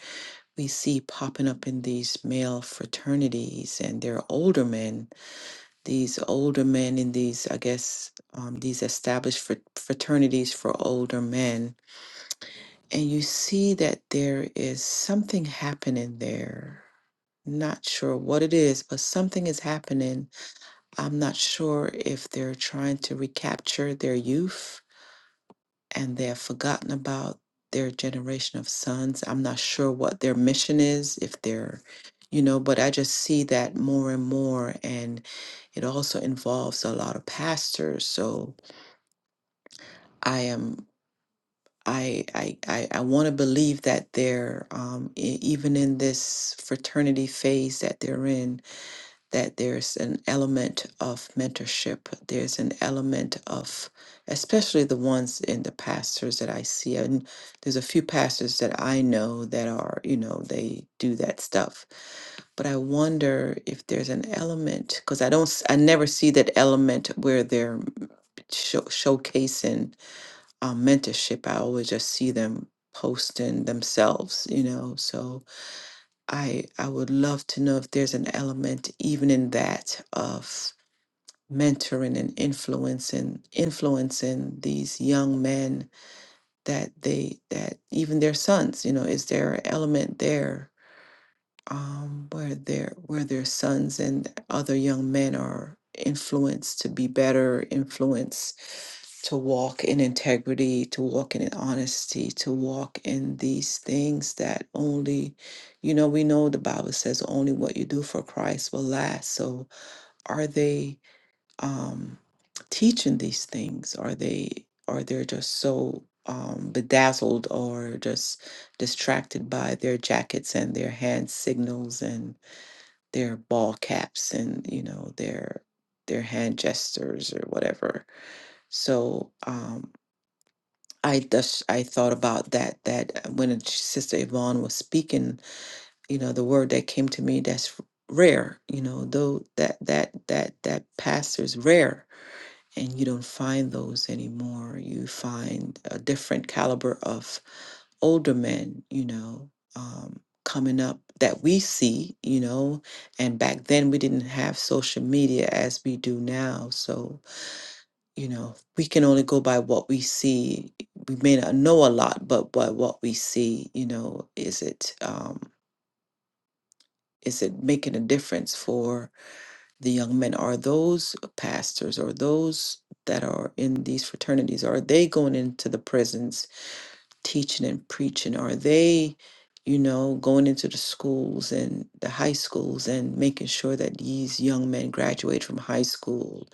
Speaker 2: we see popping up in these male fraternities, and they're older men. These older men in these, I guess, um, these established fr- fraternities for older men. And you see that there is something happening there. Not sure what it is, but something is happening I'm not sure if they're trying to recapture their youth and they have forgotten about their generation of sons. I'm not sure what their mission is, if they're, you know, but I just see that more and more. And it also involves a lot of pastors. So I am. I, I, I, I want to believe that they're um, e- even in this fraternity phase that they're in that there's an element of mentorship. There's an element of, especially the ones in the pastors that I see. And there's a few pastors that I know that are, you know, they do that stuff. But I wonder if there's an element, because I don't, s- I never see that element where they're show, showcasing um, mentorship. I always just see them posting themselves, you know. So I I would love to know if there's an element even in that of mentoring and influencing influencing these young men that they that even their sons you know is there an element there um where their where their sons and other young men are influenced to be better influenced to walk in integrity to walk in honesty to walk in these things that only you know we know the bible says only what you do for christ will last so are they um, teaching these things? Are they are they just so um, bedazzled or just distracted by their jackets and their hand signals and their ball caps and you know their their hand gestures or whatever? So um, I just I thought about that that when Sister Yvonne was speaking, you know, the word that came to me that's rare, you know, though that that that that pastor's rare and you don't find those anymore. You find a different caliber of older men, you know, um, coming up that we see, you know, and back then we didn't have social media as we do now. So, you know, we can only go by what we see. We may not know a lot, but by what we see, you know, is it um is it making a difference for? the young men are those pastors or those that are in these fraternities are they going into the prisons teaching and preaching are they you know going into the schools and the high schools and making sure that these young men graduate from high school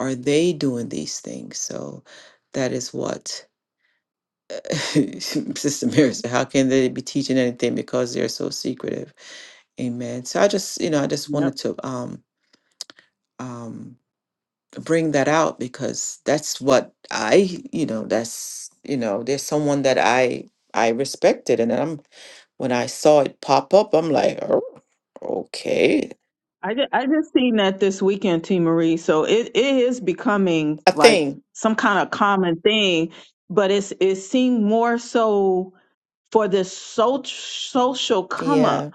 Speaker 2: are they doing these things so that is what sister mary said how can they be teaching anything because they're so secretive amen so i just you know i just
Speaker 1: Yep.
Speaker 2: wanted to um um bring that out because that's what I, you know, that's, you know, there's someone that I I respected and then I'm when I saw it pop up, I'm like, oh, okay.
Speaker 1: I just, I just seen that this weekend, T Marie. So it, it is becoming
Speaker 2: A
Speaker 1: like
Speaker 2: thing.
Speaker 1: some kind of common thing, but it's it seemed more so for this so- social come up
Speaker 2: Yeah.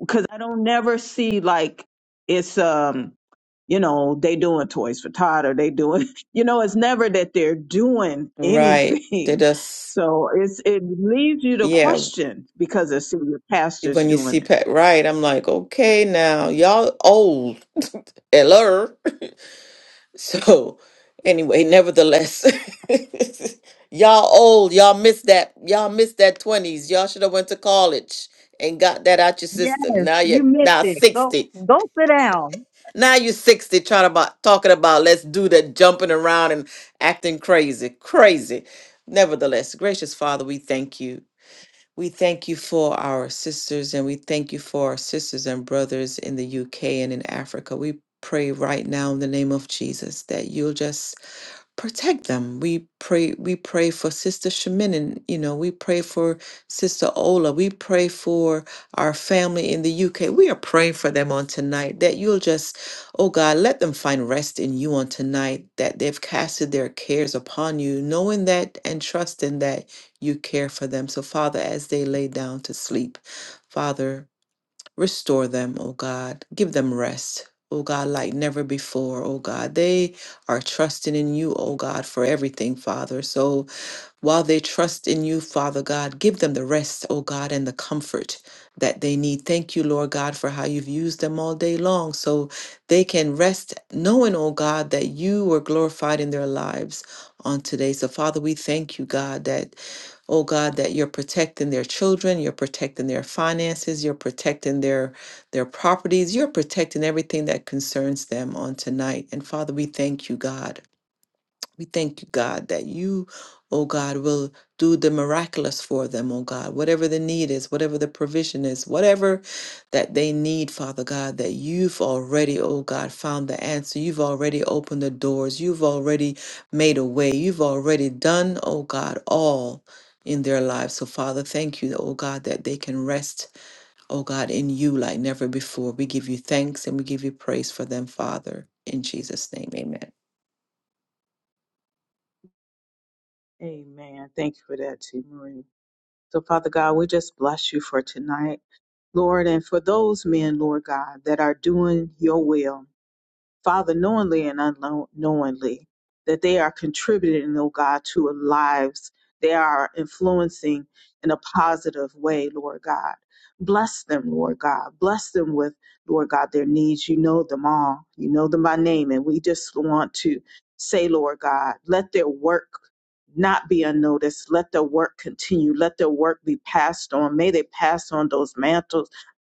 Speaker 1: because I don't never see like it's um you know they doing toys for Todd or they doing you know it's never that they're doing
Speaker 2: Right. They
Speaker 1: anything.
Speaker 2: just
Speaker 1: So it's it leads you to
Speaker 2: yeah,
Speaker 1: question because of senior pastors
Speaker 2: when you see
Speaker 1: doing it.
Speaker 2: Pat Wright, I'm like, okay now, y'all old. Hello. So, anyway, nevertheless, y'all old, y'all missed that, y'all missed that twenties. Y'all should have went to college and got that out your
Speaker 3: Yeah,
Speaker 2: system. Now
Speaker 3: you
Speaker 2: you're
Speaker 3: missed
Speaker 2: now
Speaker 3: it. Go
Speaker 2: sixty.
Speaker 3: go sit down.
Speaker 2: Now you're sixty, trying about talking about let's do that, jumping around and acting crazy, crazy. Nevertheless, gracious Father, we thank you. We thank you for our sisters and we thank you for our sisters and brothers in the UK and in Africa. We pray right now in the name of Jesus that you'll just protect them. We pray we pray for Sister Shemin and you know, we pray for Sister Ola. We pray for our family in the UK. We are praying for them on tonight that you'll just, oh God, let them find rest in you on tonight, that they've casted their cares upon you, knowing that and trusting that you care for them. So Father, as they lay down to sleep, Father, Restore them, O God. Give them rest, O God, like never before, O God. They are trusting in you, O God, for everything, Father. So, while they trust in you, Father God, give them the rest, oh God, and the comfort that they need. Thank you, Lord God, for how you've used them all day long so they can rest knowing, oh God, that you were glorified in their lives on today. So, Father, we thank you, God, that oh God, that you're protecting their children, you're protecting their finances, you're protecting their their properties, you're protecting everything that concerns them on tonight. And Father, we thank you, God. We thank you, God, that you, oh God, will do the miraculous for them, oh God. Whatever the need is, whatever the provision is, whatever that they need, Father God, that you've already, oh God, found the answer. You've already opened the doors. You've already made a way. You've already done, oh God, all in their lives. So, Father, thank you, oh God, that they can rest oh God, in you like never before. We give you thanks and we give you praise for them, Father. In Jesus' name, amen.
Speaker 1: Amen. Thank you for that, T. Marie. So, Father God, we just bless you for tonight, Lord, and for those men, Lord God, that are doing your will. Father, knowingly and unknowingly, that they are contributing, oh God, to lives. They are influencing in a positive way, Lord God. Bless them, Lord God. Bless them with, Lord God, their needs. You know them all. You know them by name. And we just want to say, Lord God, let their work not be unnoticed. Let their work continue. Let their work be passed on. May they pass on those mantles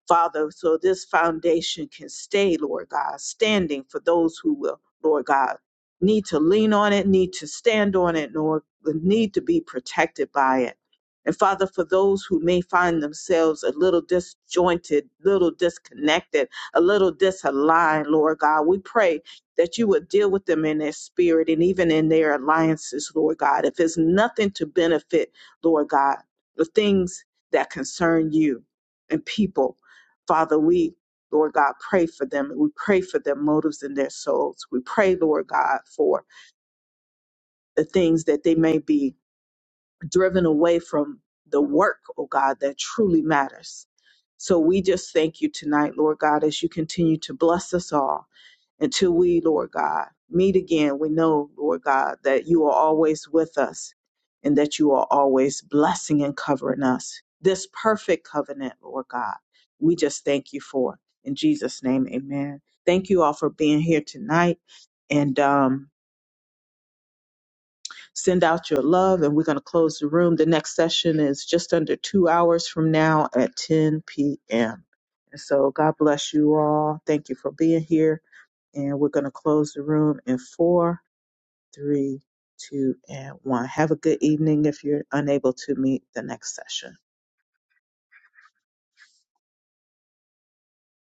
Speaker 1: Father, so this foundation can stay, Lord God, standing for those who will, Lord God, need to lean on it, need to stand on it, nor need to be protected by it. And Father, for those who may find themselves a little disjointed, little disconnected, a little disaligned, Lord God, we pray that you would deal with them in their spirit and even in their alliances, Lord God. If it's nothing to benefit, Lord God, the things that concern you and people, Father, we, Lord God, pray for them. We pray for their motives and their souls. We pray, Lord God, for the things that they may be driven away from the work, oh God, that truly matters. So we just thank you tonight, Lord God, as you continue to bless us all until we, Lord God, meet again, we know, Lord God, that you are always with us and that you are always blessing and covering us. This perfect covenant, Lord God, we just thank you for. it. In Jesus' name, amen. Thank you all for being here tonight and um, send out your love. And we're going to close the room. The next session is just under two hours from now at 10 p.m. And so God bless you all. Thank you for being here and we're going to close the room in four, three, two, and one. Have a good evening if you're unable to meet the next session.